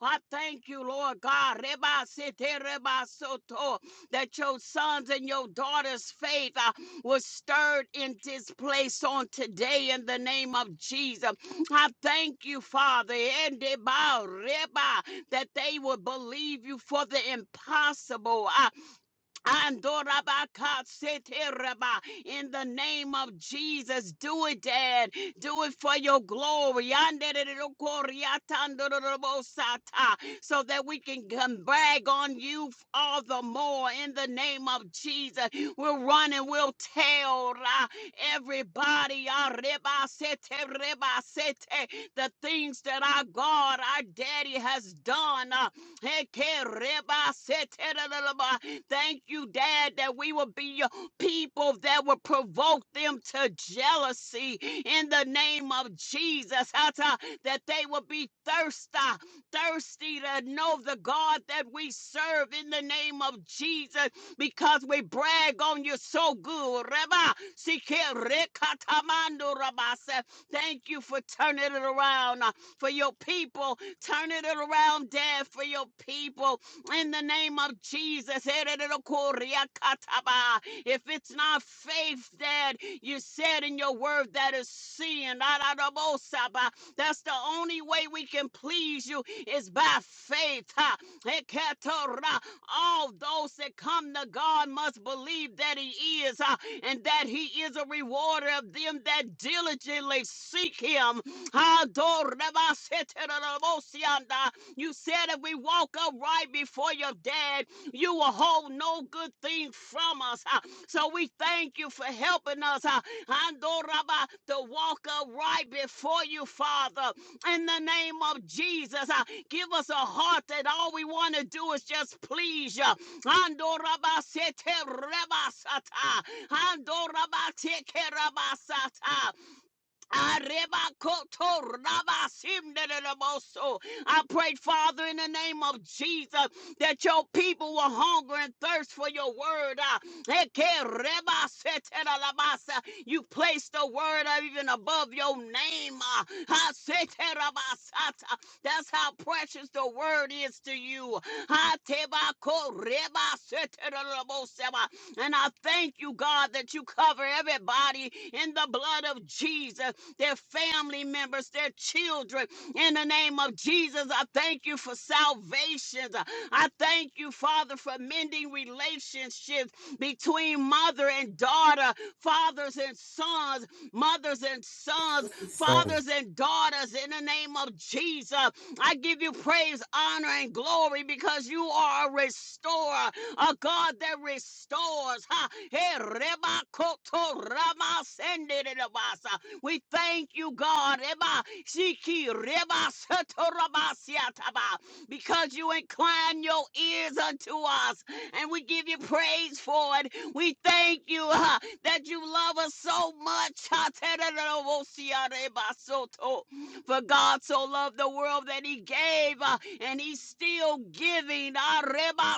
I thank you, Lord God, that your sons and your daughters' faith was stirred in this place on today in the name of Jesus. I thank you, Father, Ende ba that they will believe you for the impossible. I Andorabakasetereba. In the name of Jesus, do it, Dad. Do it for your glory. Andererokoriatandorobosata. So that we can come brag on you all the more. In the name of Jesus, we'll run and we'll tell ah, everybody arebaseterebasete, the things that our God, our Daddy has done. ah, Ekerebasetereleleba. Thank you, Dad, that we will be your people that will provoke them to jealousy in the name of Jesus. Hata, That they will be thirsty, thirsty to know the God that we serve in the name of Jesus because we brag on you so good. Reba, sike rekatamando rabase. Thank you for turning it around uh, for your people. Turning it around, Dad, for your people in the name of Jesus. Ererokorriakataba. If it's not faith that you said in your word that is sin, ararabosaba. that's the only way we can please you is by faith. ha. Eketora. All those that come to God must believe that He is ha, and that He is a rewarder of them that diligently seek Him. Adorabaseterabosianda. You said if we walk upright before your dad, you will hold no good thing from us. ah. So we thank you for helping us ah, Andoraba, to walk upright before you, Father. In the name of Jesus, ah, give us a heart that all we want to do is just please you. Andoraba sete reba sata. Andoraba teke reba sata. Arebakoto rabasimdedeboso. I pray, Father, in the name of Jesus, that your people will hunger and thirst for your word. Ah, eke rebaseteralabasa. You place the word ah, even above your name. ah. Haseterabasata. That's how precious the word is to you. And I thank you, God, that you cover everybody in the blood of Jesus, their family members, their children. In the name of Jesus, I thank you for salvation. I thank you, Father, for mending relationships between mother and daughter, fathers and sons, mothers and sons fathers and daughters in the name of Jesus. I give you praise, honor, and glory because you are a restorer, a God that restores. Ha. Hey, reba koto rama sende de de basa. We thank you, God, Reba shiki, reba soto raba siataba, because you incline your ears unto us and we give you praise for it. We thank you uh, that you love us so much. For God so loved the world that he gave, uh, and he's still giving. And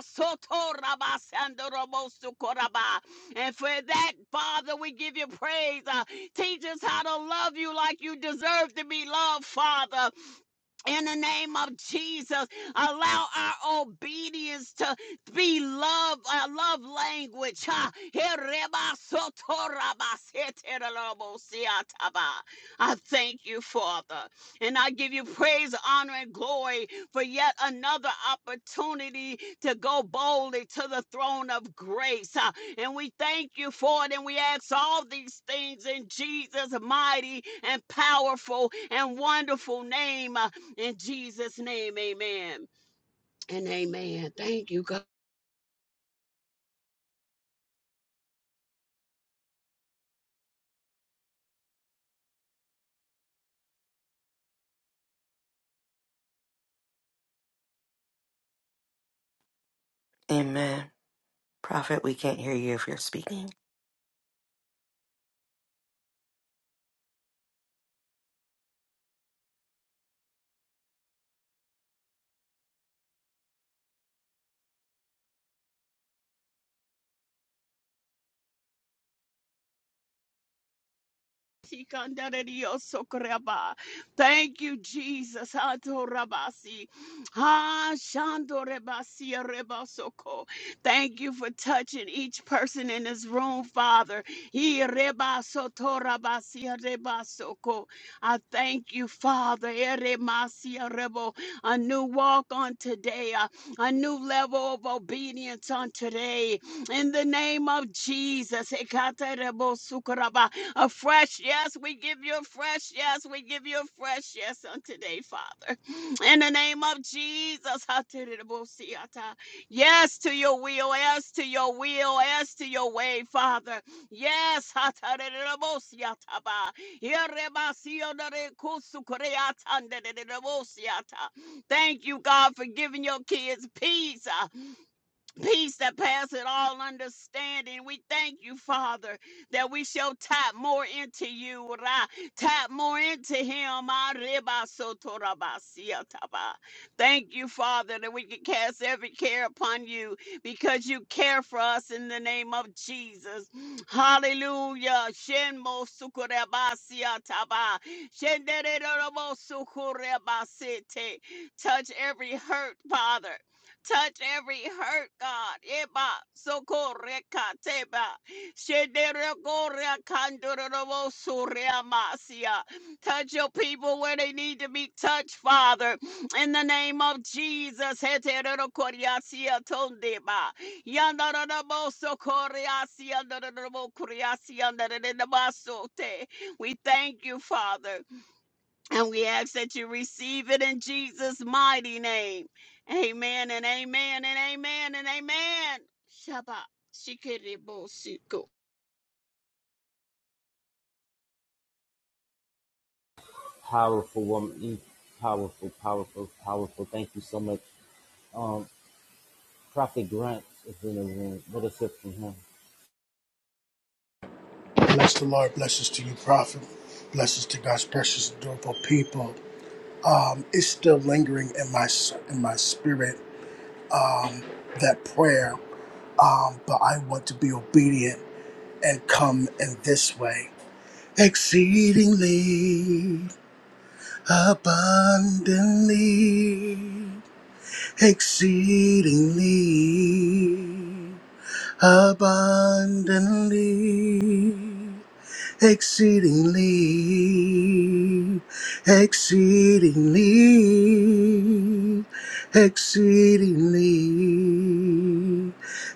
for that, Father, we give you praise. Uh, Teach us how to love you like you deserve to be loved, Father in the name of Jesus, allow our obedience to be love, our love language. ha. I thank you, Father, and I give you praise, honor, and glory for yet another opportunity to go boldly to the throne of grace. ha. And we thank you for it, and we ask all these things in Jesus' mighty and powerful and wonderful name. Uh, in Jesus' name, amen. And amen. Thank you, God.
Amen. Prophet, we can't hear you if you're speaking.
Thank you, Jesus. Hatorabasi. Ha, shandorebasi, erebasoko. Thank you for touching each person in this room, Father. He, erebasotorabasi, erebasoko. I thank you, Father. Eremasi, erebo. A new walk on today, a, a new level of obedience on today. In the name of Jesus. Ekaterebosukoraba. A fresh yes, we give you a fresh yes. We give you a fresh yes on today, Father. In the name of Jesus. Yes to your will. Yes to your will. Yes to your way, Father. Yes. Thank you, God, for giving your kids peace. uh, peace that passeth all understanding. We thank you, Father, that we shall tap more into you, Ra, tap more into Him. Ah, reba soto raba sia taba. Thank you, Father, that we can cast every care upon you because you care for us in the name of Jesus. Hallelujah. Shen mo suko reba sia taba. Shen de de de de mo suko reba sete. Touch every hurt, Father. Touch every hurt, God. Eba sokoreka teba. Shederegorea kandororobo sureamasia. Touch your people where they need to be touched, Father. In the name of Jesus. Heterokoriasia tondeba. Yandarabo sokoriasia, ndororobo kuriasia, ndororobo sote. We thank you, Father. And we ask that you receive it in Jesus' mighty name. Amen and amen and amen and amen. Shabbat. Shikiribusiku.
Powerful woman. You Powerful, powerful, powerful. Thank you so much. Um Prophet Grant is in the room. Let us hear from him.
Bless the Lord. Blessings to you, prophet. Blessings to God's precious, adorable people. It's still lingering in my in my spirit. Um, that prayer. Um, but I want to be obedient and come in this way, exceedingly abundantly, exceedingly abundantly. exceedingly, exceedingly, exceedingly,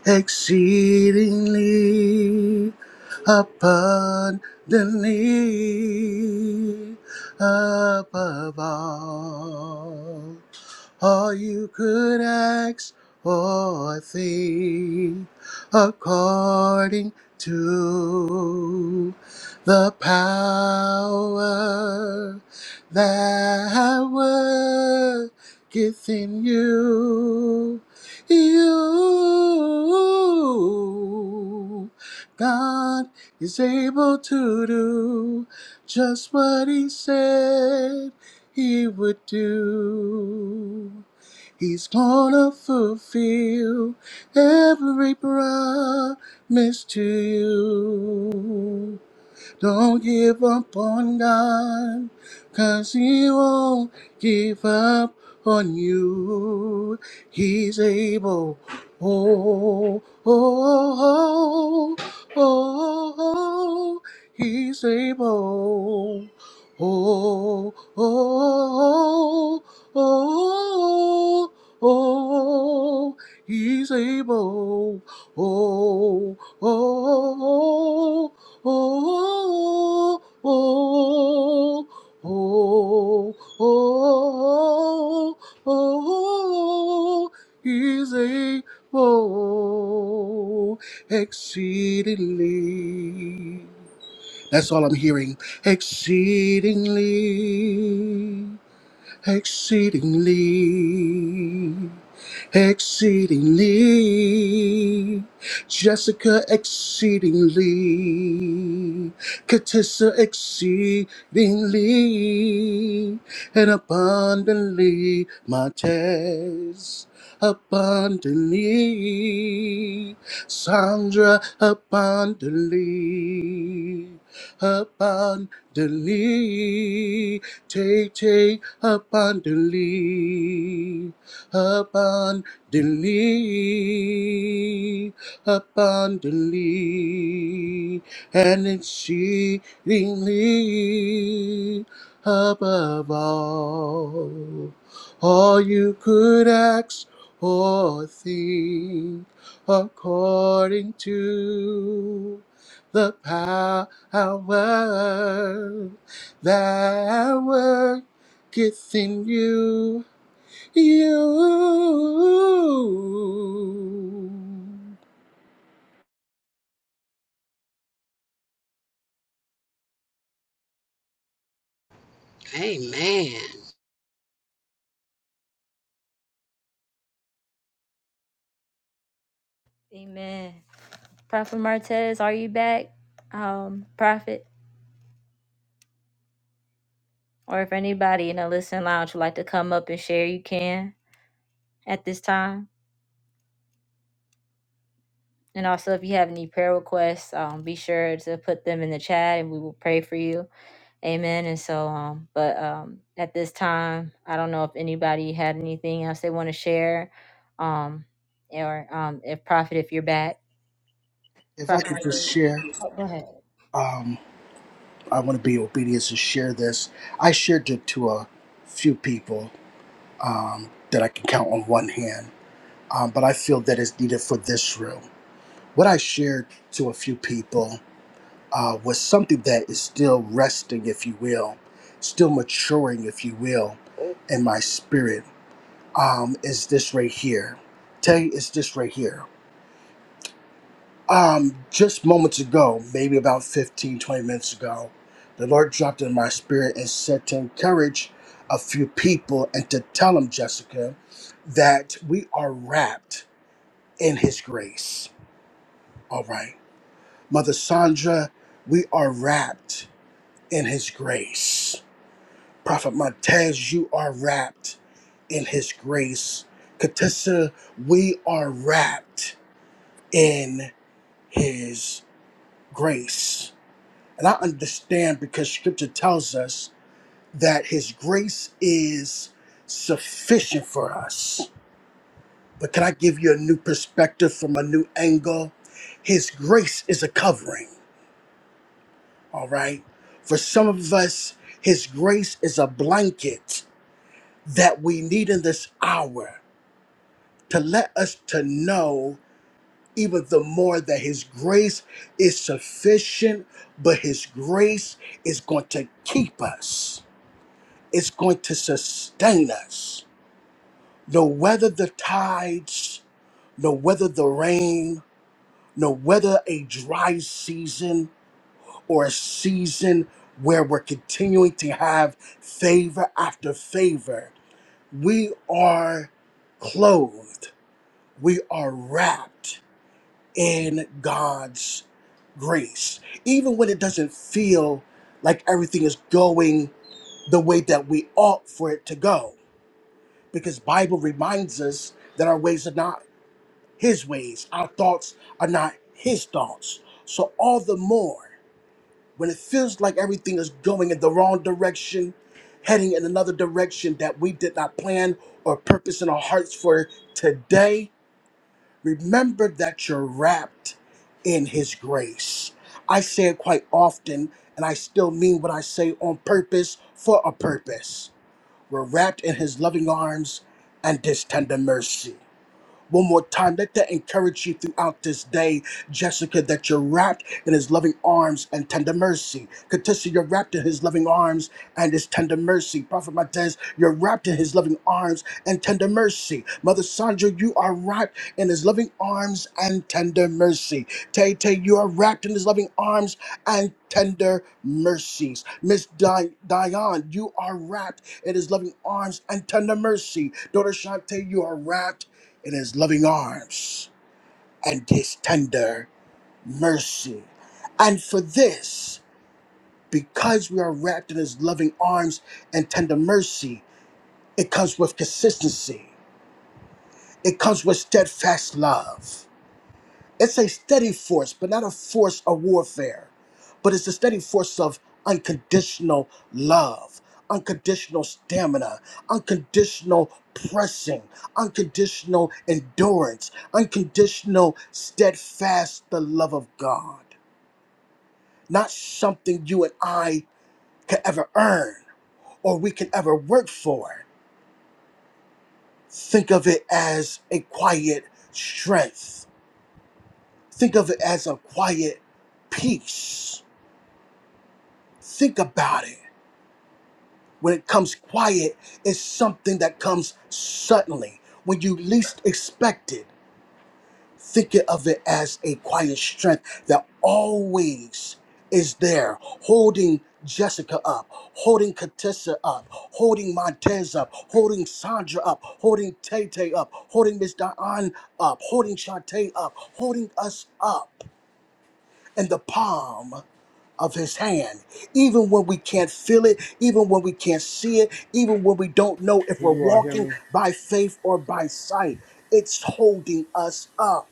exceedingly, abundantly, above all all you could ask or think according to the power that worketh in you. You, God is able to do just what He said he would do. He's gonna fulfill every promise to you. Don't give up on God, 'cause He won't give up on you. He's able. Oh, oh, oh, oh, oh, oh. He's able. Oh, oh, oh, oh, oh, oh. He's able. Oh, Oh, oh, Oh, oh, oh, oh, oh, oh, is able exceedingly. That's all I'm hearing. Exceedingly exceedingly, exceedingly. Jessica exceedingly, Katissa exceedingly, and abundantly Montez. Abundantly, Sandra abundantly abundantly. Take, take abundantly, abundantly, abundantly, and exceedingly above all. All you could ask or think according to the power that worketh in you. You.
Amen.
Amen. Prophet Martez, are you back? Um, Prophet. Or if anybody in the Listen Lounge would like to come up and share, you can at this time. And also, if you have any prayer requests, um, be sure to put them in the chat and we will pray for you. Amen. And so, um, but um, at this time, I don't know if anybody had anything else they want to share. Um, or um, if Prophet, if you're back,
If I
Prophet,
could
Michael.
just share,
oh, go ahead.
um, I want to be obedient and share this. I shared it to a few people um, that I can count on one hand, um, but I feel that it's needed for this room. What I shared to a few people uh, was something that is still resting, if you will, still maturing, if you will, in my spirit. Um, is this right here? Tay, is this right here? Um, just moments ago, maybe about 15, 20 minutes ago, the Lord dropped it in my spirit and said to encourage a few people and to tell them, Jessica, that we are wrapped in His grace. All right. Mother Sandra, we are wrapped in His grace Prophet Montez, you are wrapped in his grace. Katissa, we are wrapped in his grace. And I understand because scripture tells us that his grace is sufficient for us. But can I give you a new perspective from a new angle? His grace is a covering, all right? For some of us, his grace is a blanket that we need in this hour to let us to know even the more that his grace is sufficient but his grace is going to keep us it's going to sustain us no whether the tides no whether the rain no whether a dry season or a season where we're continuing to have favor after favor we are clothed we are wrapped in God's grace. Even when it doesn't feel like everything is going the way that we ought for it to go. Because Bible reminds us that our ways are not his ways. Our thoughts are not his thoughts. So all the more when it feels like everything is going in the wrong direction, heading in another direction that we did not plan or purpose in our hearts for today, Remember that you're wrapped in His grace. I say it quite often, and I still mean what I say on purpose for a purpose. We're wrapped in His loving arms and His tender mercy. One more time, let that encourage you throughout this day, Jessica, that you're wrapped in his loving arms and tender mercy. Katissa, you're wrapped in his loving arms and his tender mercy. Prophet Matez, you're wrapped in his loving arms and tender mercy. Mother Sandra, you are wrapped in his loving arms and tender mercy. Tay Tay, you are wrapped in his loving arms and tender mercies. Miss Di- Diane, you are wrapped in his loving arms and tender mercy. Daughter Shante, you are wrapped in his loving arms and his tender mercy. And for this, because we are wrapped in his loving arms and tender mercy, it comes with consistency, it comes with steadfast love. It's a steady force, but not a force of warfare, but it's a steady force of unconditional love, unconditional stamina, unconditional pressing, unconditional endurance, unconditional steadfast, the love of God. Not something you and I can ever earn or we can ever work for. Think of it as a quiet strength, think of it as a quiet peace Think about it. When it comes quiet, it's something that comes suddenly. When you least expect it, think of it as a quiet strength that always is there, holding Jessica up, holding Katissa up, holding Montez up, holding Sandra up, holding Tay Tay up, holding Miss Diane up, holding Shantae up, holding us up in the palm of his hand, even when we can't feel it, even when we can't see it, even when we don't know if
Can
we're
you all hear
walking
me?
by faith or by sight. It's holding us up.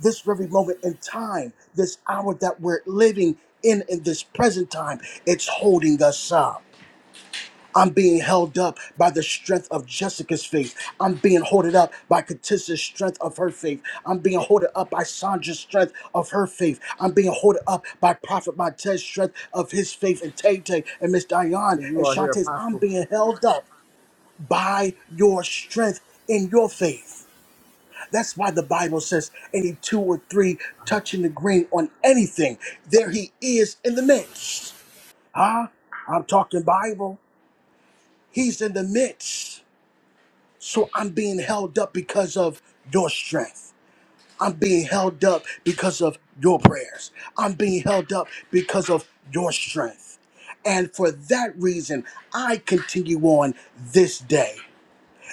This very moment in time, this hour that we're living in, in this present time, it's holding us up. I'm being held up by the strength of Jessica's faith. I'm being hoarded up by Katissa's strength of her faith. I'm being hoarded up by Sandra's strength of her faith. I'm being hoarded up by Prophet Montez's strength of his faith and Tay Tay and Miss Diane
Can you
and
all hear
Shantae's. I'm
Apostle?
being held up by your strength in your faith. That's why the Bible says any two or three touching the green on anything, there he is in the midst. Huh? I'm talking Bible. He's in the midst. So I'm being held up because of your strength. I'm being held up because of your prayers. I'm being held up because of your strength. And for that reason, I continue on this day.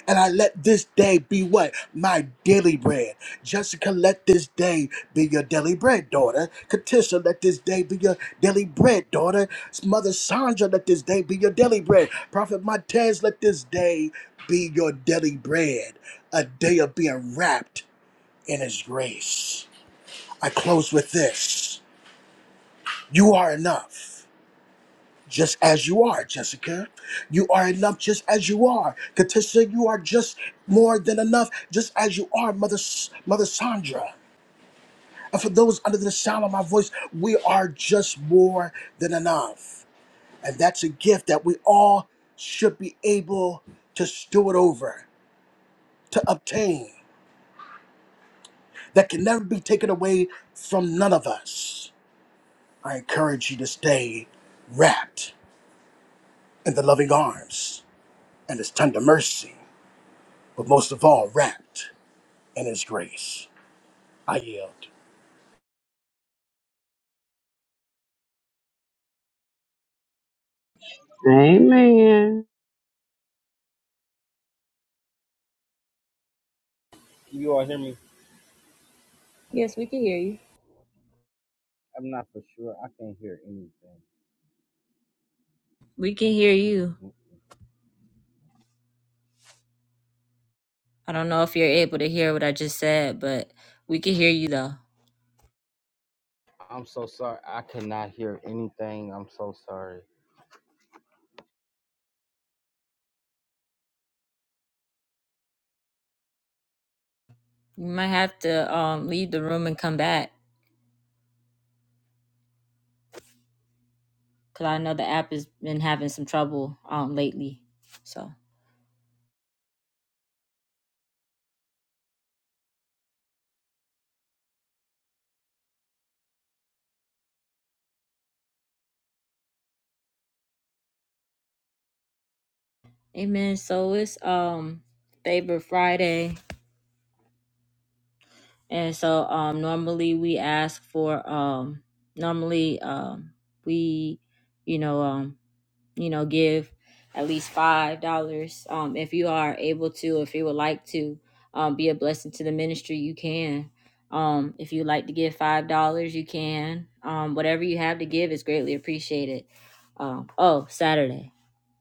And I let this day be what? My daily bread. Jessica, let this day be your daily bread, daughter. Katisha, let this day be your daily bread, daughter. Mother Sandra, let this day be your daily bread. Prophet Montez, let this day be your daily bread. A day of being wrapped in his grace. I close with this. You are enough just as you are, Jessica. You are enough just as you are. Katisha, you are just more than enough just as you are, Mother, S- Mother Sandra. And for those under the sound of my voice, we are just more than enough. And that's a gift that we all should be able to steward over, to obtain, that can never be taken away from none of us. I encourage you to stay wrapped in the loving arms and his tender mercy but most of all, wrapped in His grace. I yield.
Amen.
Can you all hear me?
Yes, we can hear you.
I'm not for sure. I can't hear anything.
We can hear
Mm,
you.
mm.
I don't know if you're able to hear what I just said, but we can hear you though.
I'm so sorry. I cannot hear anything. I'm so sorry.
You might have to um leave the room and come back because I know the app has been having some trouble um lately. So amen. So it's um Favor Friday, and so um normally we ask for um normally um we you know um. you know, give at least five dollars. Um, if you are able to, if you would like to, um, be a blessing to the ministry, you can. Um, if you'd like to give five dollars, you can. Um, whatever you have to give is greatly appreciated. Um, oh, Saturday,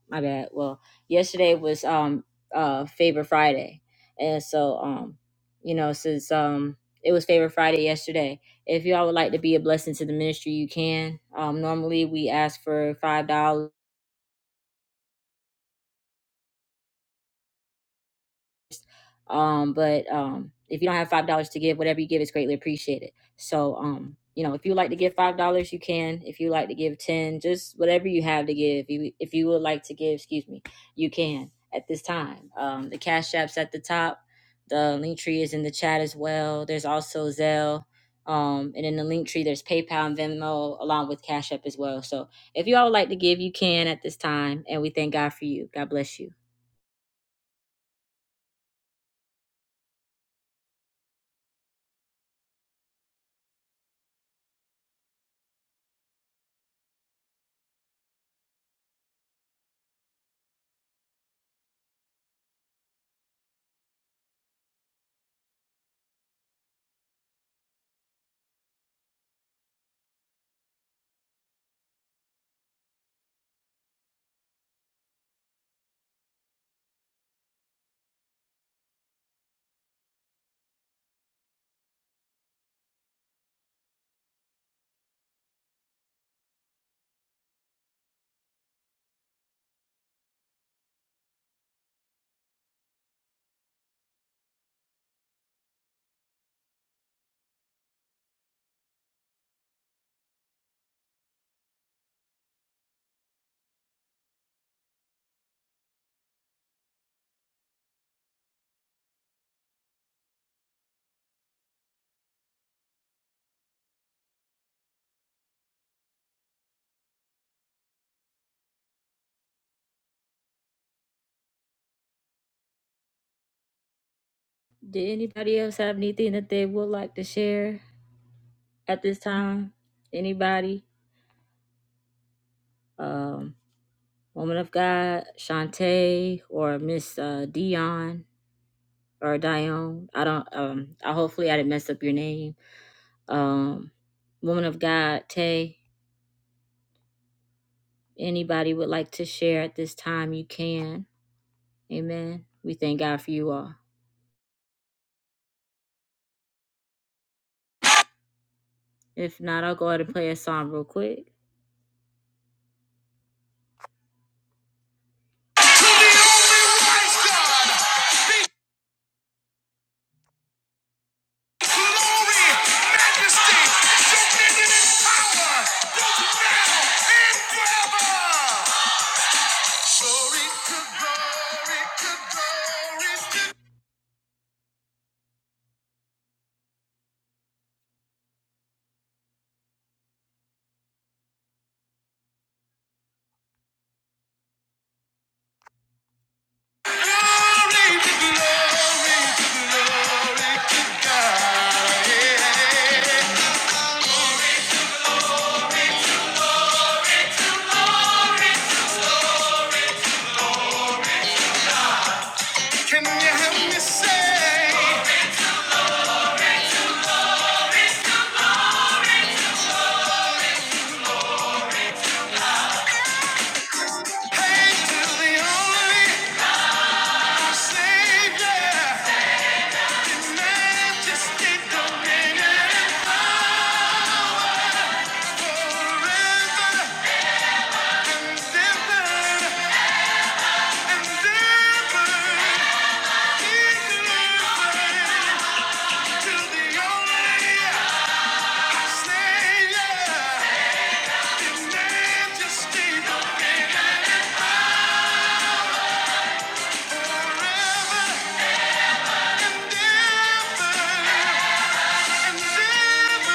my bad. Well, yesterday was um uh Favor Friday, and so um, you know, since um it was Favor Friday yesterday. If y'all would like to be a blessing to the ministry, you can. Um, normally we ask for five dollars Um, but um, if you don't have five dollars to give, whatever you give is greatly appreciated. So um, you know, if you like to give five dollars, you can. If you like to give ten, just whatever you have to give. you if you would like to give, excuse me, you can at this time. Um, the cash app's at the top. The link tree is in the chat as well. There's also Zelle. Um, and in the link tree, there's PayPal and Venmo along with Cash App as well. So if you all would like to give, you can at this time. And we thank God for you. God bless you. Did anybody else have anything that they would like to share at this time? Anybody? Um, woman of God, Shantae, or Miss uh, Dion or Dion. I don't. Um, I hopefully I didn't mess up your name. Um, woman of God, Tay. Anybody would like to share at this time? You can. Amen. We thank God for you all. If not, I'll go ahead and play a song real quick. Hey, glory, Savior, just keep going in. Forever, never. never.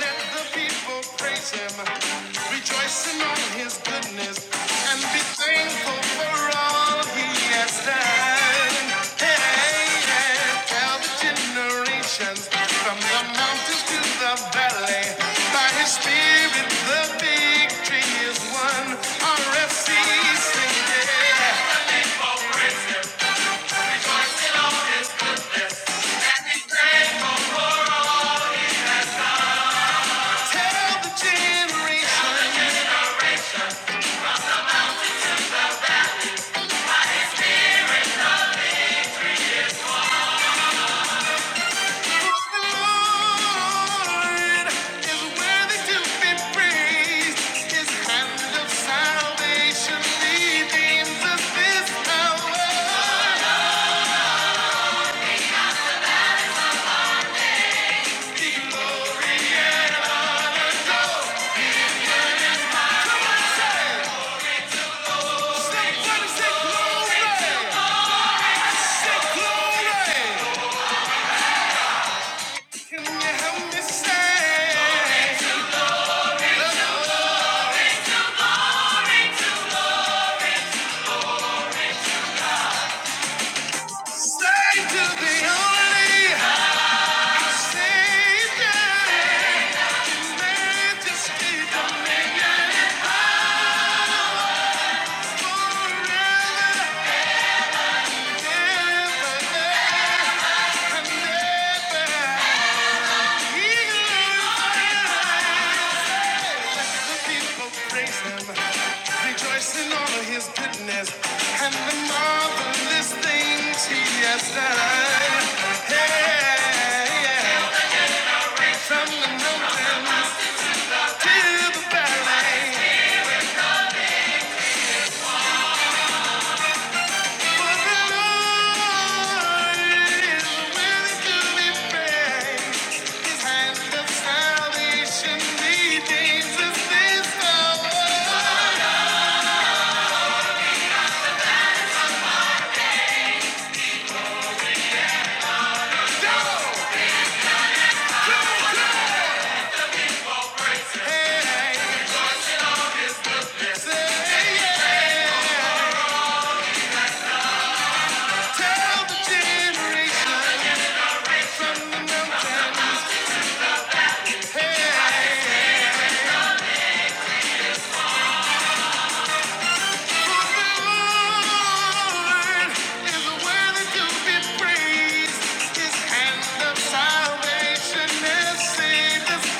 Let the people praise him, rejoicing on his goodness, and be thankful for all he has done. Hey, yeah. tell the generations from the mountains to the valley, by his spirit the victory is won. RFC, sing yeah. Tell the generations. Say to the only Rejoicing all of his goodness and the marvelous things he has done. Hey, yeah, from the mountains to the valley. Salvation is seen as this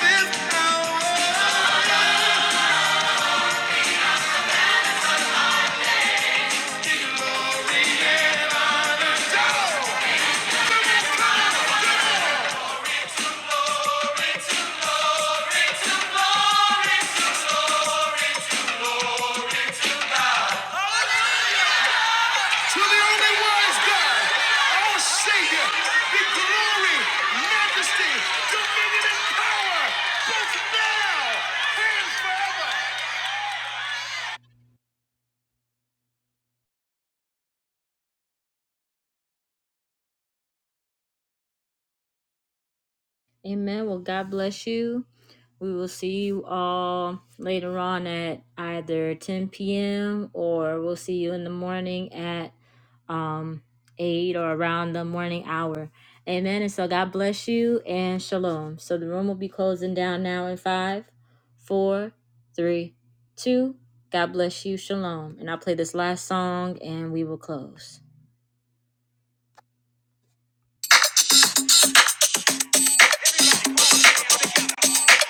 hour. To the only wise God. Amen. Well, God bless you. We will see you all later on at either 10 p.m. or we'll see you in the morning at um 8 or around the morning hour. Amen. And so God bless you and shalom. So the room will be closing down now in five, four, three, two. God bless you. Shalom. And I'll play this last song and we will close.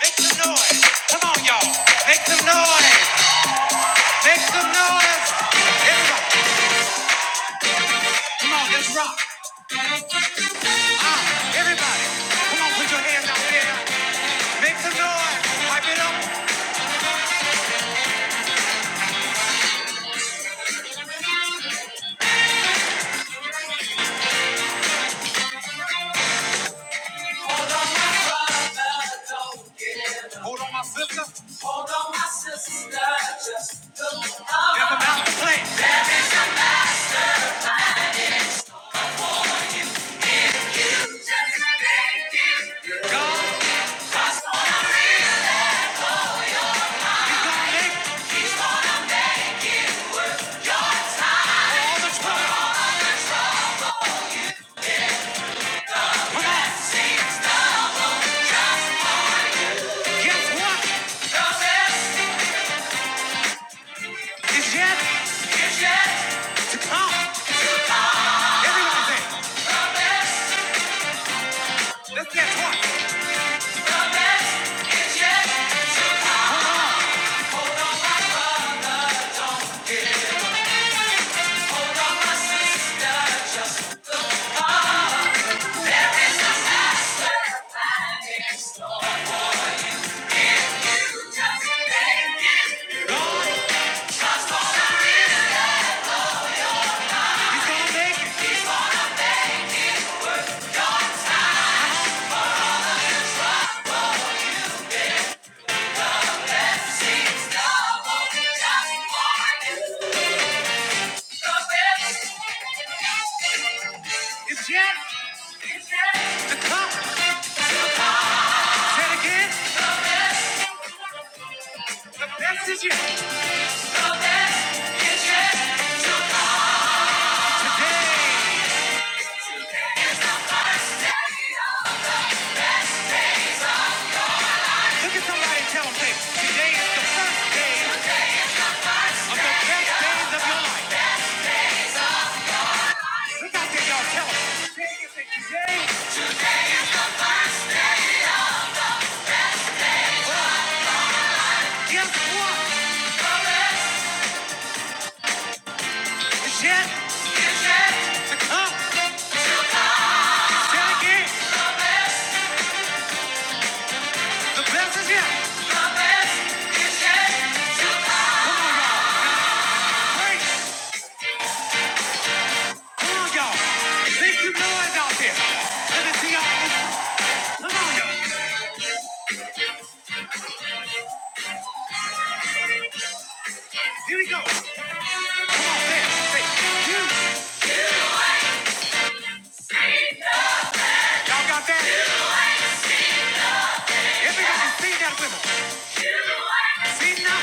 Make some noise. Come on, y'all. Make some noise. Make some noise. Come on, let's rock. Ah, everybody. Come on, put your hands out there. Make some noise. Pipe it up. There's about to play. Guess what? It's yet. He's gonna make it. It's yet to come. The best is yet. Look out there, y'all. Tell them. Today, guess what? It's yet up. Check again. The best is yet. Come on, y'all. Break. Come on, y'all. Make some noise out there. Let me see y'all. Come on, y'all. Here we go. Come on, say it. Say it. You. Y'all got that? Everybody sing that with us. See now?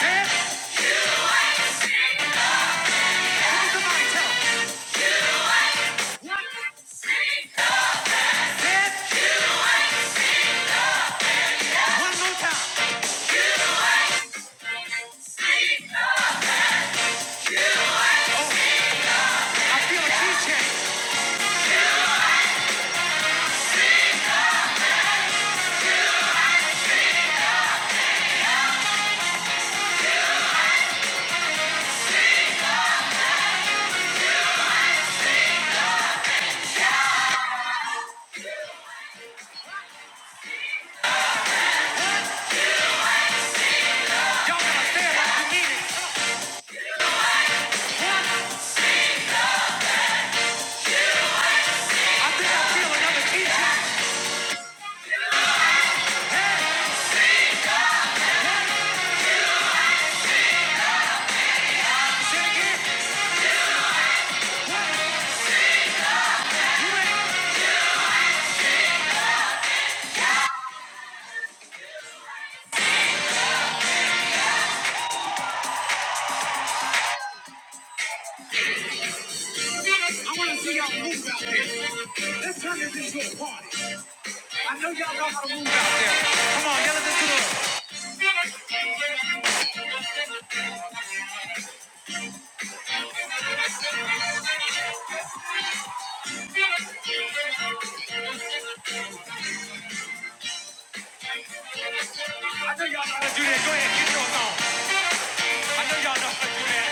Say it. Look at somebody. Tell 'em. One more time. I feel a key change. Y'all I think I feel another key change. I know y'all know. I know y'all know. how that.